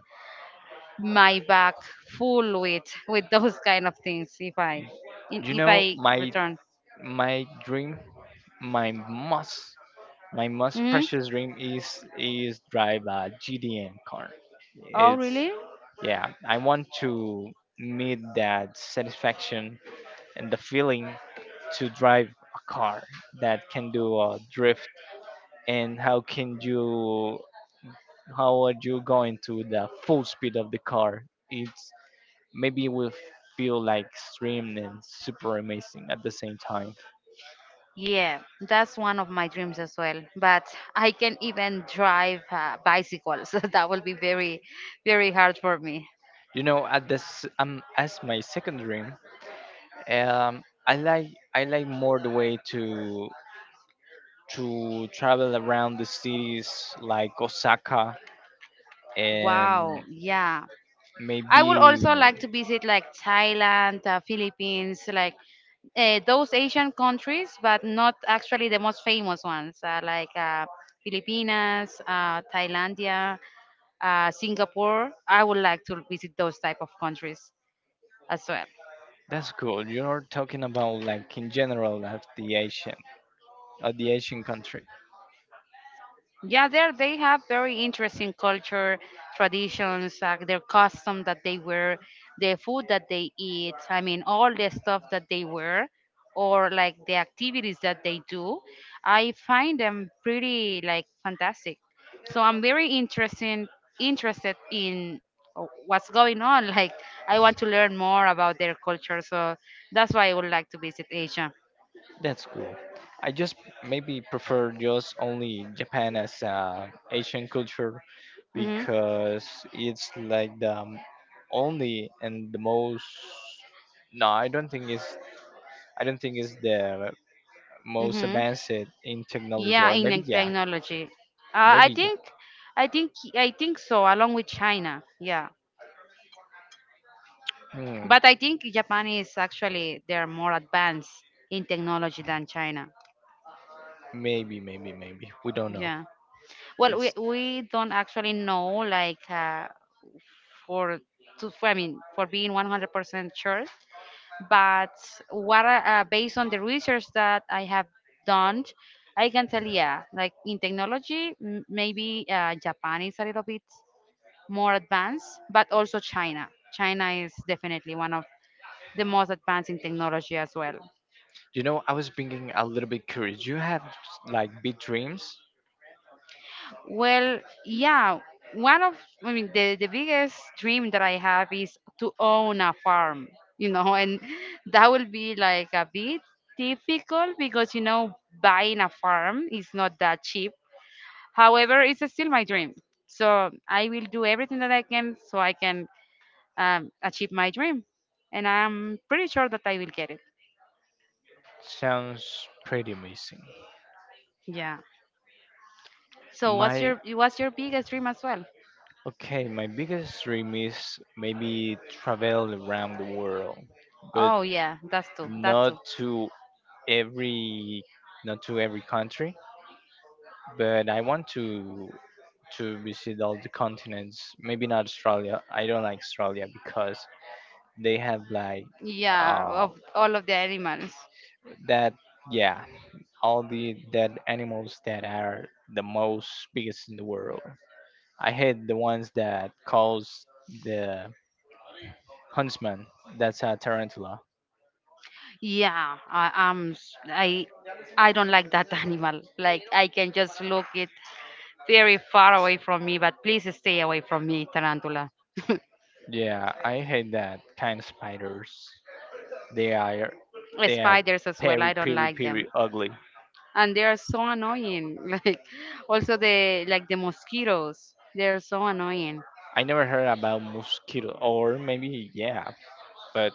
Speaker 2: my back full with with those kind of things if I in-
Speaker 1: You
Speaker 2: if
Speaker 1: know,
Speaker 2: I
Speaker 1: my
Speaker 2: return.
Speaker 1: my dream, my most my most
Speaker 2: Hmm.
Speaker 1: precious dream is is drive a G D N car.
Speaker 2: Oh
Speaker 1: It's
Speaker 2: really?
Speaker 1: Yeah, I want to meet that satisfaction and the feeling to drive a car that can do a drift, and how can you how are you going to the full speed of the car? It's maybe will feel like extreme and super amazing at the same time.
Speaker 2: Yeah, that's one of my dreams as well, but I can even drive uh, bicycles. That will be very very hard for me.
Speaker 1: You know, at this um as my second dream, um I like I like more the way to to travel around the cities like Osaka
Speaker 2: Wow,
Speaker 1: and
Speaker 2: yeah. I
Speaker 1: maybe.
Speaker 2: would also like to visit like Thailand, uh, Philippines, like uh, those Asian countries, but not actually the most famous ones, uh, like uh, Filipinas, uh, Thailandia, uh, Singapore. I would like to visit those type of countries as well.
Speaker 1: That's cool. You're talking about like in general of the Asian of the Asian country.
Speaker 2: Yeah, there they have very interesting culture, traditions, like their custom that they wear, the food that they eat. I mean, all the stuff that they wear, or like the activities that they do. I find them pretty like fantastic. So I'm very interesting interested in uh, what's going on. Like I want to learn more about their culture. So that's why I would like to visit Asia.
Speaker 1: That's cool. I just maybe prefer just only Japan as uh, Asian culture,
Speaker 2: Mm-hmm.
Speaker 1: because it's like the m- only and the most, no, i don't think it's I don't think it's the most
Speaker 2: Mm-hmm.
Speaker 1: advanced in technology,
Speaker 2: Yeah,
Speaker 1: or
Speaker 2: in
Speaker 1: maybe
Speaker 2: the
Speaker 1: yeah,
Speaker 2: technology. Uh, I
Speaker 1: maybe.
Speaker 2: think, I think, I think so. Along with China, yeah.
Speaker 1: Hmm,
Speaker 2: But I think Japan is actually they're more advanced in technology than China.
Speaker 1: maybe maybe maybe we don't know.
Speaker 2: Yeah. Well, we
Speaker 1: It's
Speaker 2: we don't actually know like uh, for to for, I mean for being one hundred percent sure. But what I- uh, based on the research that I have done, I can tell, yeah, like in technology, m- maybe uh, Japan is a little bit more advanced, but also China. China is definitely one of the most advanced in technology as well.
Speaker 1: you know, I was being a little bit curious, you have like big dreams.
Speaker 2: Well, yeah, one of, I mean, the, the biggest dream that I have is to own a farm, you know, and that will be like a bit difficult because, you know, buying a farm is not that cheap. However, it's still my dream. So I will do everything that I can so I can um, achieve my dream. And I'm pretty sure that I will get it.
Speaker 1: Sounds pretty amazing.
Speaker 2: Yeah. So what's
Speaker 1: My
Speaker 2: your what's your biggest dream as well?
Speaker 1: Okay, my biggest dream is maybe travel around the world, but
Speaker 2: Oh yeah, that's too. That
Speaker 1: not
Speaker 2: too.
Speaker 1: to every not to every country, but I want to to visit all the continents. Maybe not Australia. I don't like Australia because they have like
Speaker 2: Yeah,
Speaker 1: uh,
Speaker 2: of all of the animals.
Speaker 1: that. Yeah, all the dead animals that are the most biggest in the world. I hate the ones that calls the huntsman. That's a tarantula.
Speaker 2: Yeah, I, I'm. S- I I don't like that animal. Like I can just look it very far away from me, but please stay away from me, tarantula.
Speaker 1: Yeah, I hate that kind of spiders. They are they are
Speaker 2: Spiders as well.
Speaker 1: very,
Speaker 2: I don't
Speaker 1: very,
Speaker 2: like them,
Speaker 1: very ugly.
Speaker 2: and they are so annoying. Like also the like the mosquitoes. They're so annoying.
Speaker 1: I never heard about mosquito, or maybe yeah, but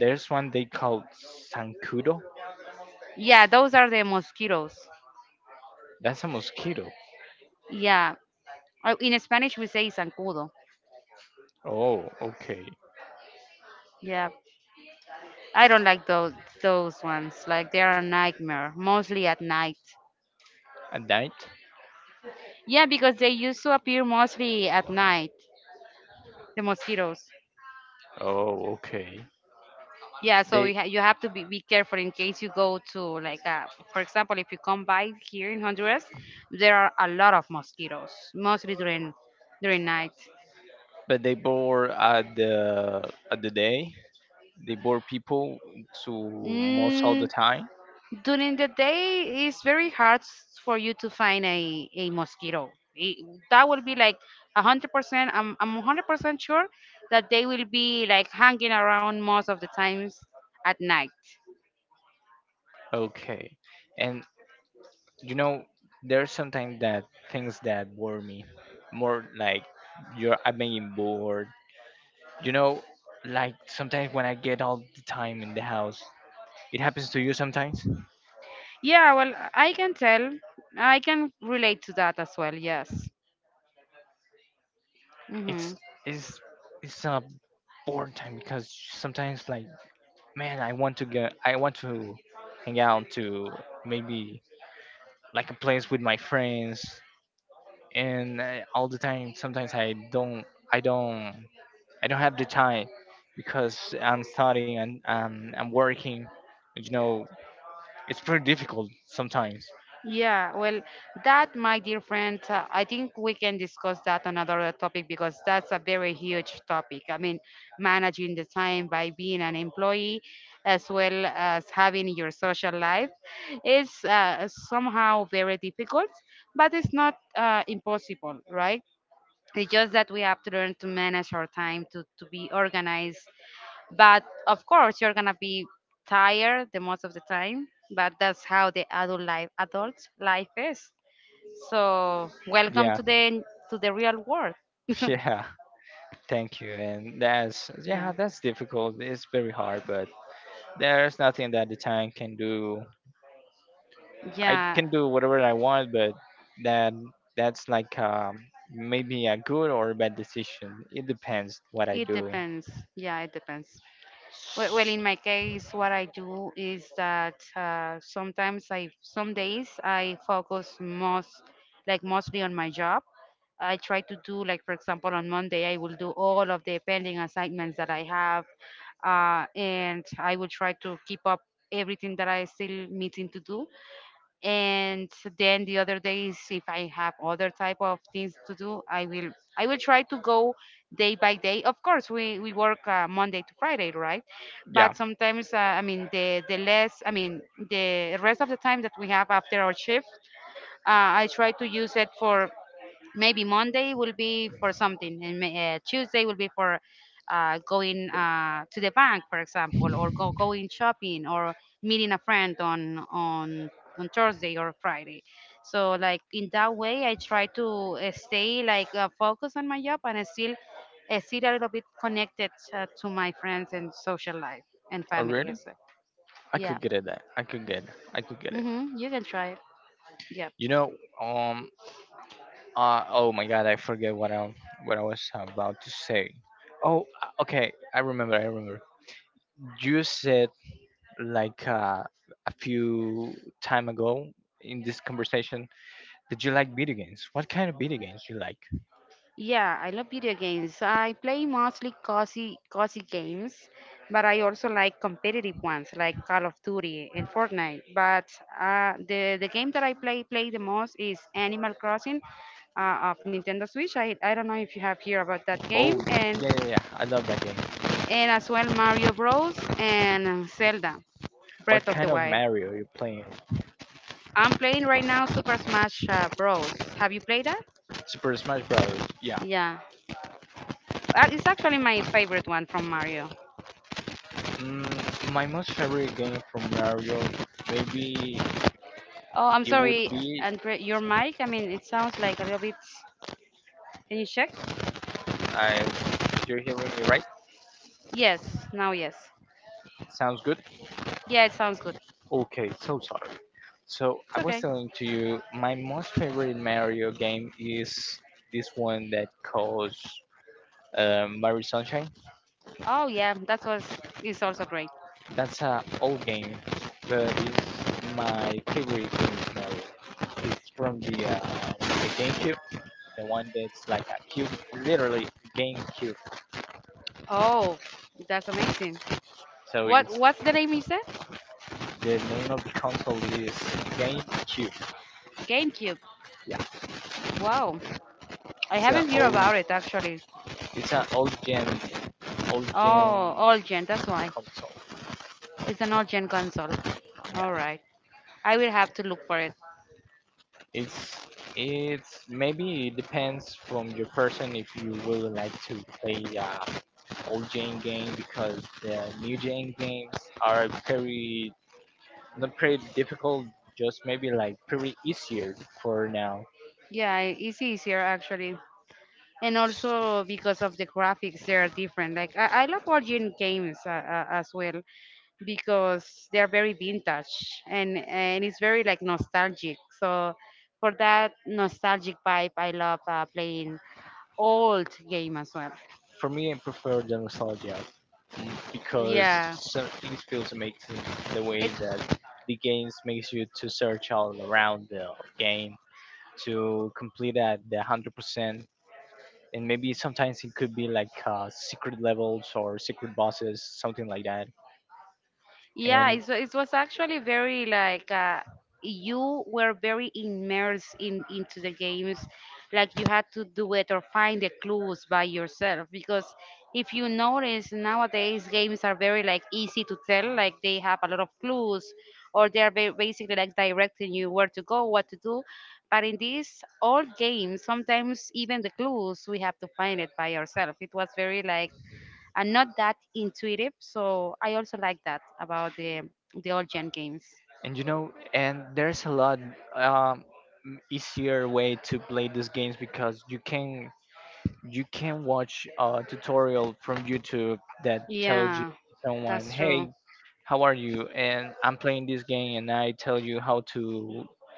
Speaker 1: there's one they call zancudo.
Speaker 2: Yeah, those are the mosquitoes.
Speaker 1: That's a mosquito.
Speaker 2: Yeah. Uh, in Spanish we say zancudo.
Speaker 1: Oh, okay.
Speaker 2: Yeah, I don't like those those ones. Like they are a nightmare, mostly at night.
Speaker 1: At night?
Speaker 2: Yeah, because they used to appear mostly at night, the mosquitoes.
Speaker 1: Oh, okay.
Speaker 2: Yeah, so you,
Speaker 1: They
Speaker 2: ha- you have to be, be careful in case you go to like uh, for example, if you come by here in Honduras, there are a lot of mosquitoes, mostly during during night.
Speaker 1: But they bore at the at the day. They bore people to most all the
Speaker 2: Mm,
Speaker 1: time.
Speaker 2: During the day, it's very hard s- for you to find a, a mosquito. It, that will be like one hundred percent. I'm, I'm one hundred percent sure that they will be like hanging around most of the times at night.
Speaker 1: Okay, and you know there's sometimes that things that bore me more like you're I'm being bored. You know, like sometimes when I get all the time in the house, it happens to you sometimes.
Speaker 2: Yeah, well, I can tell. I can relate to that as well, yes.
Speaker 1: It's
Speaker 2: Hmm.
Speaker 1: it's it's a boring time because sometimes like, man, I want to go, I want to hang out to maybe like a place with my friends, and uh, all the time sometimes I don't I don't I don't have the time because I'm studying and um, I'm working. You know, it's pretty difficult sometimes.
Speaker 2: Yeah, well, that, my dear friend, uh, I think we can discuss that on another topic because that's a very huge topic. I mean, managing the time by being an employee as well as having your social life is uh, somehow very difficult, but it's not uh, impossible, right? It's just that we have to learn to manage our time, to, to be organized, but of course, you're gonna be tired the most of the time. But that's how the adult life, adult life is. So welcome
Speaker 1: Yeah,
Speaker 2: to the to the real world.
Speaker 1: yeah. Thank you. And that's yeah,
Speaker 2: Yeah,
Speaker 1: that's difficult. It's very hard, but there's nothing that the time can do. I
Speaker 2: yeah.
Speaker 1: can do whatever I want, but that that's like um, maybe a good or a bad decision. It depends what I
Speaker 2: It
Speaker 1: do.
Speaker 2: depends. Yeah, it depends. Well, well, in my case, what I do is that uh, sometimes I, some days I focus most, like mostly on my job. I try to do, like for example, on Monday I will do all of the pending assignments that I have, uh, and I will try to keep up everything that I still meeting to do, and then the other days if I have other type of things to do I will i will try to go day by day. Of course we we work uh, Monday to Friday, right?
Speaker 1: Yeah.
Speaker 2: But sometimes uh, i mean the the less I mean the rest of the time that we have after our shift, uh, I try to use it for maybe Monday will be for something, and may- uh, Tuesday will be for uh, going uh, to the bank, for example, or go going shopping, or meeting a friend on on on Thursday or Friday. So like in that way, I try to uh, stay like uh, focused on my job and I still I still a little bit connected uh, to my friends and social life and
Speaker 1: Oh
Speaker 2: family
Speaker 1: really?
Speaker 2: as well.
Speaker 1: I
Speaker 2: Yeah.
Speaker 1: could get it. That I could get. I could get it.
Speaker 2: Hmm, you can try it. Yeah.
Speaker 1: You know. Um. Uh. Oh my God, I forget what I what I was about to say. Oh, uh, okay, I remember, I remember. You said like uh, a few time ago in this conversation, did you like video games, what kind of video games you like?
Speaker 2: Yeah, I love video games. I play mostly cozy, cozy games, but I also like competitive ones like Call of Duty and Fortnite. But uh, the the game that I play play the most is Animal Crossing uh, of Nintendo Switch. I, I don't know if you have heard about that
Speaker 1: Oh
Speaker 2: game. and
Speaker 1: yeah, yeah, yeah, I love that game.
Speaker 2: and as well Mario Bros and Zelda
Speaker 1: What
Speaker 2: Breath of
Speaker 1: kind
Speaker 2: the
Speaker 1: of
Speaker 2: Wild.
Speaker 1: Mario you playing?
Speaker 2: I'm playing right now Super Smash uh, Bros. Have you played that?
Speaker 1: Super Smash Brothers, yeah.
Speaker 2: Yeah. Uh, it's actually my favorite one from Mario.
Speaker 1: Mm, my most favorite game from Mario, maybe
Speaker 2: Oh, I'm
Speaker 1: it would
Speaker 2: sorry,
Speaker 1: be
Speaker 2: Andre, your mic. I mean, it sounds like a little bit. Can you check?
Speaker 1: I you're hearing me right?
Speaker 2: Yes, now yes.
Speaker 1: Sounds good.
Speaker 2: Yeah, it sounds good.
Speaker 1: Okay, so sorry, so
Speaker 2: It's
Speaker 1: I was
Speaker 2: okay.
Speaker 1: telling to you my most favorite Mario game is this one that calls uh, Mario Sunshine.
Speaker 2: Oh yeah, that was is also great.
Speaker 1: That's a old game, but it's my favorite game Mario. It's from the uh, the GameCube, the one that's like a cube, literally, GameCube.
Speaker 2: Oh, that's amazing.
Speaker 1: So
Speaker 2: What
Speaker 1: it's
Speaker 2: what's the name you said?
Speaker 1: the name of the console is GameCube.
Speaker 2: GameCube.
Speaker 1: Yeah.
Speaker 2: Wow, I
Speaker 1: It's a
Speaker 2: haven't heard about
Speaker 1: old,
Speaker 2: it actually.
Speaker 1: it's an old gen, old
Speaker 2: Oh,
Speaker 1: gen
Speaker 2: old gen. That's why
Speaker 1: console.
Speaker 2: it's an old gen console. All
Speaker 1: Yeah.
Speaker 2: right, I will have to look for it.
Speaker 1: It's it's maybe it depends from your person if you really like to play uh, old gen game, because the new gen games are pretty not pretty difficult, just maybe like pretty easier for now.
Speaker 2: Yeah, it's easier actually. And also because of the graphics they are different. like i, I love origin games uh, uh, as well because they are very vintage and and it's very like nostalgic. So for that nostalgic vibe I love uh, playing old game as well.
Speaker 1: For me, I prefer the nostalgia because
Speaker 2: Yeah,
Speaker 1: some things feels amazing the way
Speaker 2: it's.
Speaker 1: that the games makes you to search all around the game to complete at the hundred percent. And maybe sometimes it could be like uh, secret levels or secret bosses, something like that.
Speaker 2: Yeah,
Speaker 1: And
Speaker 2: it, wa- it was actually very like uh, you were very immersed in into the games, like you had to do it or find the clues by yourself. Because if you notice nowadays, games are very like easy to tell, like they have a lot of clues, or they are ba- basically like directing you where to go, what to do. But in these old games, sometimes even the clues we have to find it by ourselves. It was very like and not that intuitive. So I also like that about the the old gen games.
Speaker 1: And you know, and there's a lot um, easier way to play these games because you can you can watch a tutorial from YouTube that tells you
Speaker 2: Yeah,
Speaker 1: someone,
Speaker 2: that's true.
Speaker 1: hey, how are you? And I'm playing this game, and I tell you how to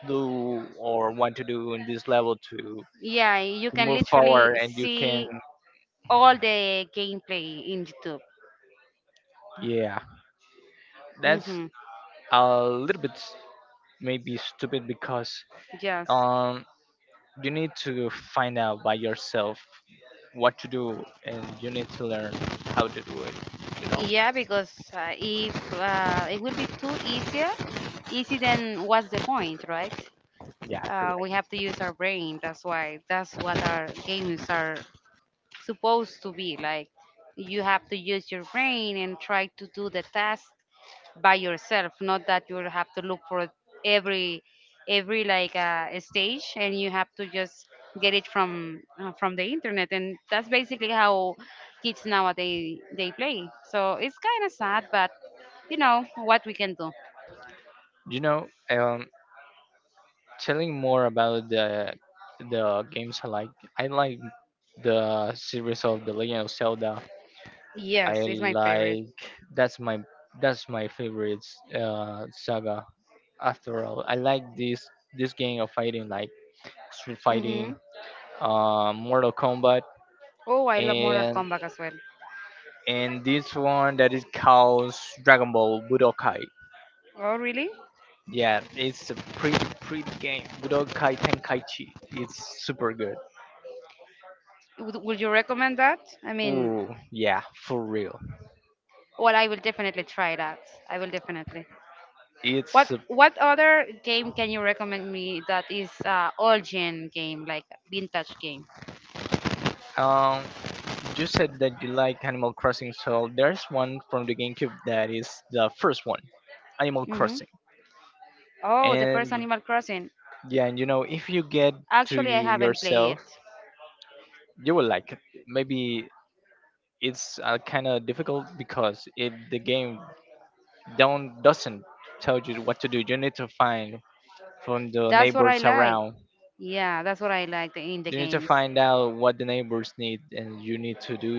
Speaker 1: do or what to do in this level to
Speaker 2: Yeah, you can
Speaker 1: move
Speaker 2: literally
Speaker 1: forward, and you can,
Speaker 2: see all the gameplay in YouTube.
Speaker 1: yeah, that's
Speaker 2: Mm-hmm.
Speaker 1: a little bit maybe stupid because
Speaker 2: Yes.
Speaker 1: um you need to find out by yourself what to do, and you need to learn how to do it, you know.
Speaker 2: Yeah, because uh, if uh, it will be too easier, easy, then what's the point, right?
Speaker 1: Yeah,
Speaker 2: Uh, we
Speaker 1: correct.
Speaker 2: have to use our brain. That's why. That's what our games are supposed to be. Like you have to use your brain and try to do the task by yourself, not that you have to look for every every like uh, stage and you have to just get it from uh, from the internet. And that's basically how kids nowadays they play, so it's kind of sad, but you know what we can do.
Speaker 1: You know um telling more about the the games I like, I like the series of the Legend of Zelda. I
Speaker 2: Yes, it's my favorite.
Speaker 1: like That's my that's my favorite uh saga. After all, I like this this game of fighting like street
Speaker 2: Hmm.
Speaker 1: fighting, uh Mortal Kombat,
Speaker 2: Oh, I love Mortal
Speaker 1: and
Speaker 2: Kombat as well.
Speaker 1: and this one that is called Dragon Ball Budokai.
Speaker 2: Oh really?
Speaker 1: Yeah, it's a pretty pretty game. Budokai Tenkaichi. It's super good.
Speaker 2: Would, would you recommend that, I mean?
Speaker 1: Ooh, yeah, for real.
Speaker 2: Well, I will definitely try that. I will definitely. What
Speaker 1: It's
Speaker 2: what other game can you recommend me that is uh, old gen game, like vintage game?
Speaker 1: uh, um. You said that you like Animal Crossing, so there's one from the GameCube that is the first one, Animal
Speaker 2: Hmm.
Speaker 1: Crossing.
Speaker 2: Oh, the first
Speaker 1: And
Speaker 2: Animal Crossing.
Speaker 1: yeah, and you know, if you get to
Speaker 2: Actually, I haven't played
Speaker 1: yourself,
Speaker 2: it.
Speaker 1: you will like it. Maybe it's uh, kind of difficult because it the game don't doesn't tell you what to do. You need to find from the
Speaker 2: That's what I
Speaker 1: neighbors
Speaker 2: like.
Speaker 1: around,
Speaker 2: Yeah, that's what I like, the, in the
Speaker 1: you need to
Speaker 2: games.
Speaker 1: find out what the neighbors need, and you need to do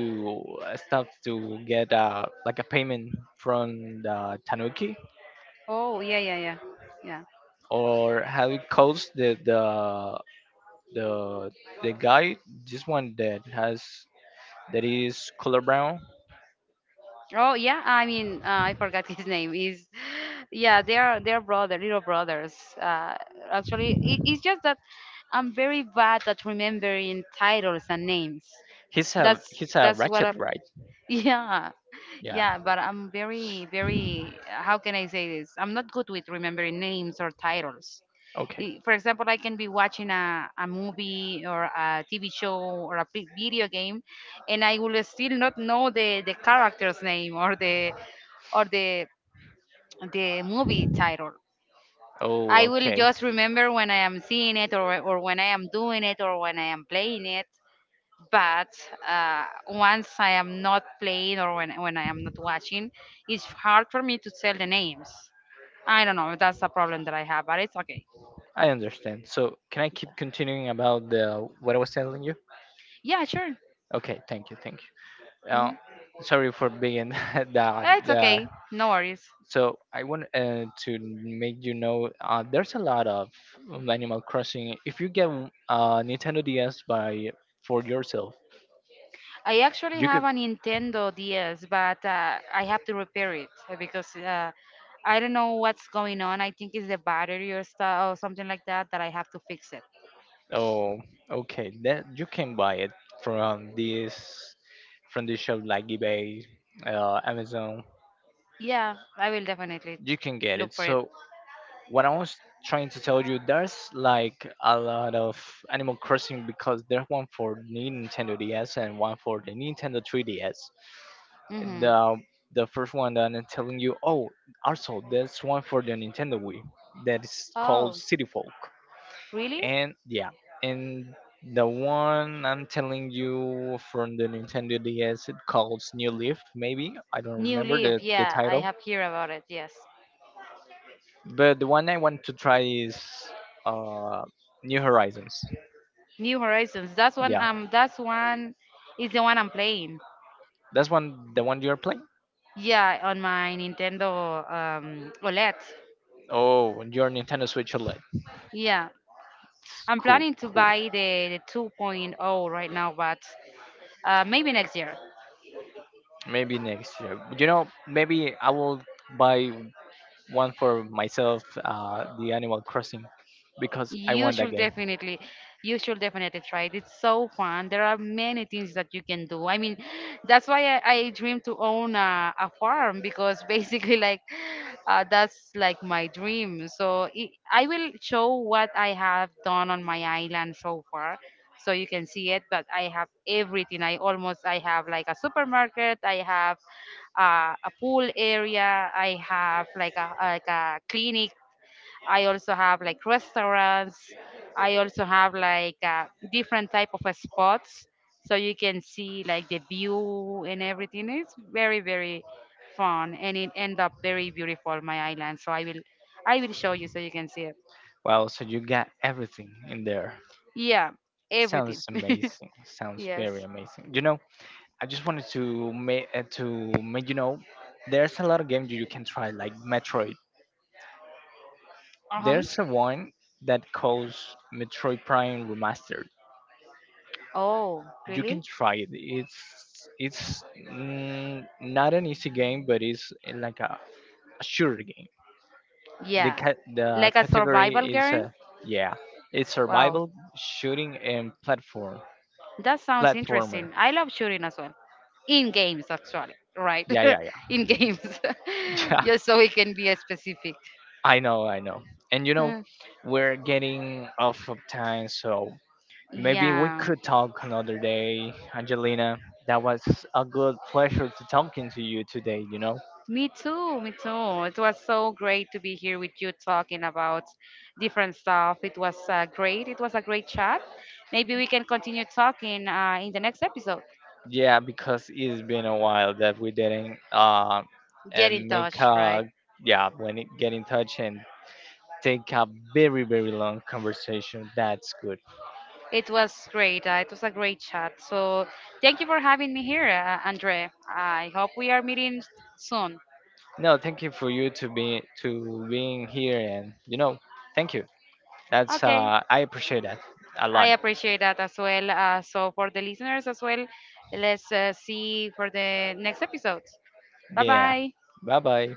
Speaker 1: uh, stuff to get uh, like a payment from the tanuki,
Speaker 2: Oh, yeah, yeah, yeah, yeah.
Speaker 1: or how it calls the the the the guy, this one that has that is color brown.
Speaker 2: Oh yeah, I mean uh, I forgot his name. Is Yeah, they are they're brother, little brothers. Uh, Actually, it, it's just that I'm very bad at remembering titles and names.
Speaker 1: He's a
Speaker 2: That's
Speaker 1: he's a
Speaker 2: that's what I,
Speaker 1: ratchet, right?
Speaker 2: yeah,
Speaker 1: Yeah.
Speaker 2: yeah, but I'm very, very, how can I say this? I'm not good with remembering names or titles.
Speaker 1: Okay.
Speaker 2: I- For example, I can be watching a, a movie or a T V show or a big video game, and I will still not know the, the character's name or the or the the movie title.
Speaker 1: Oh,
Speaker 2: I will
Speaker 1: okay,
Speaker 2: just remember when I am seeing it, or, or when I am doing it, or when I am playing it. But uh, once I am not playing, or when, when I am not watching, it's hard for me to tell the names. I don't know. That's a problem that I have, but it's okay.
Speaker 1: I understand, so can I keep continuing about the what I was telling you?
Speaker 2: Yeah, sure.
Speaker 1: Okay, thank you, thank you uh,
Speaker 2: Mhm.
Speaker 1: sorry for being the,
Speaker 2: Eh, it's
Speaker 1: the.
Speaker 2: okay. No worries.
Speaker 1: So I want uh, to make you know uh, there's a lot of um, Animal Crossing. If you get uh, Nintendo D S by for yourself,
Speaker 2: I actually
Speaker 1: you could.
Speaker 2: have a Nintendo D S, but uh, I have to repair it uh, because uh, I don't know what's going on. I think it's the battery or stuff or something like that that I have to fix it.
Speaker 1: Oh, okay. That you can buy it from this from this shop like eBay, uh, Amazon.
Speaker 2: Yeah, I will definitely
Speaker 1: You can get it.
Speaker 2: look for it.
Speaker 1: So what I was trying to tell you, there's like a lot of Animal Crossing because there's one for Nintendo D S and one for the Nintendo three D S.
Speaker 2: Hmm.
Speaker 1: the the first one that I'm telling you, oh, also there's one for the Nintendo Wii that is called
Speaker 2: Oh,
Speaker 1: City Folk,
Speaker 2: really?
Speaker 1: and yeah, and the one I'm telling you from the Nintendo D S it calls New Leaf, maybe I don't
Speaker 2: New
Speaker 1: remember the
Speaker 2: Leaf,
Speaker 1: the
Speaker 2: yeah, I
Speaker 1: title,
Speaker 2: have heard about it. Yes,
Speaker 1: but the one I want to try is uh New Horizons.
Speaker 2: New Horizons. That's one.
Speaker 1: Yeah,
Speaker 2: Um, that's one is the one I'm playing.
Speaker 1: that's one the one you're playing.
Speaker 2: Yeah, on my Nintendo um O L E D.
Speaker 1: Oh, your Nintendo Switch O L E D.
Speaker 2: Yeah,
Speaker 1: It's
Speaker 2: I'm
Speaker 1: cool,
Speaker 2: planning to
Speaker 1: cool.
Speaker 2: buy the the 2.0 right now, but uh, maybe next year.
Speaker 1: Maybe next year. You know, maybe I will buy one for myself, uh, the Animal Crossing, because I
Speaker 2: You
Speaker 1: want that
Speaker 2: should
Speaker 1: game.
Speaker 2: definitely, you should definitely try it. It's so fun. There are many things that you can do. I mean, that's why I, I dream to own a, a farm because basically, like, uh, that's like my dream. So it, I will show what I have done on my island so far, so you can see it. But I have everything. I almost, I have like a supermarket. I have uh, a pool area. I have like a like a clinic. I also have like restaurants. I also have like uh, different type of uh, spots, so you can see like the view and everything. It's very very fun, and it end up very beautiful. My island, so I will I will show you so you can see it.
Speaker 1: Wow, so you got everything in there.
Speaker 2: Yeah,
Speaker 1: Sounds
Speaker 2: everything.
Speaker 1: amazing. Sounds
Speaker 2: Yes.
Speaker 1: very amazing. You know, I just wanted to make uh, to make you know, there's a lot of games you can try, like Metroid.
Speaker 2: Uh huh.
Speaker 1: There's a one that calls Metroid Prime Remastered.
Speaker 2: Oh,
Speaker 1: You
Speaker 2: really?
Speaker 1: can try it. It's it's mm, not an easy game, but it's uh, like a a shooter game. The
Speaker 2: Yeah.
Speaker 1: ca- the
Speaker 2: Like a survival
Speaker 1: category is
Speaker 2: game.
Speaker 1: uh, yeah, it's
Speaker 2: Wow.
Speaker 1: survival, shooting, and platform
Speaker 2: That sounds
Speaker 1: platformer.
Speaker 2: interesting. I love shooting as well. In games, actually, right?
Speaker 1: Yeah, yeah, yeah,
Speaker 2: In games.
Speaker 1: yeah.
Speaker 2: Just so we can be specific.
Speaker 1: I know, I know. And you know,
Speaker 2: Mm.
Speaker 1: we're getting off of time, so maybe we
Speaker 2: Yeah.
Speaker 1: could talk another day, Angelina. That was a good pleasure to talking to you today. You know,
Speaker 2: Me too. Me too. It was so great to be here with you talking about different stuff. It was uh, great. It was a great chat. Maybe we can continue talking uh, in the next episode.
Speaker 1: yeah, because it's been a while that we didn't uh
Speaker 2: Get
Speaker 1: and
Speaker 2: in
Speaker 1: make
Speaker 2: touch,
Speaker 1: a
Speaker 2: right?
Speaker 1: yeah when it get in touch and take a very very long conversation. That's good.
Speaker 2: It was great. Uh, it was a great chat. So thank you for having me here, uh, Andre. I hope we are meeting soon.
Speaker 1: No, thank you for you to be to being here, and you know, thank you. That's
Speaker 2: Okay,
Speaker 1: uh I appreciate that a
Speaker 2: I
Speaker 1: lot.
Speaker 2: appreciate that as well. Uh, so for the listeners as well, let's uh, see for the next episodes. Bye
Speaker 1: Yeah.
Speaker 2: bye.
Speaker 1: Bye bye.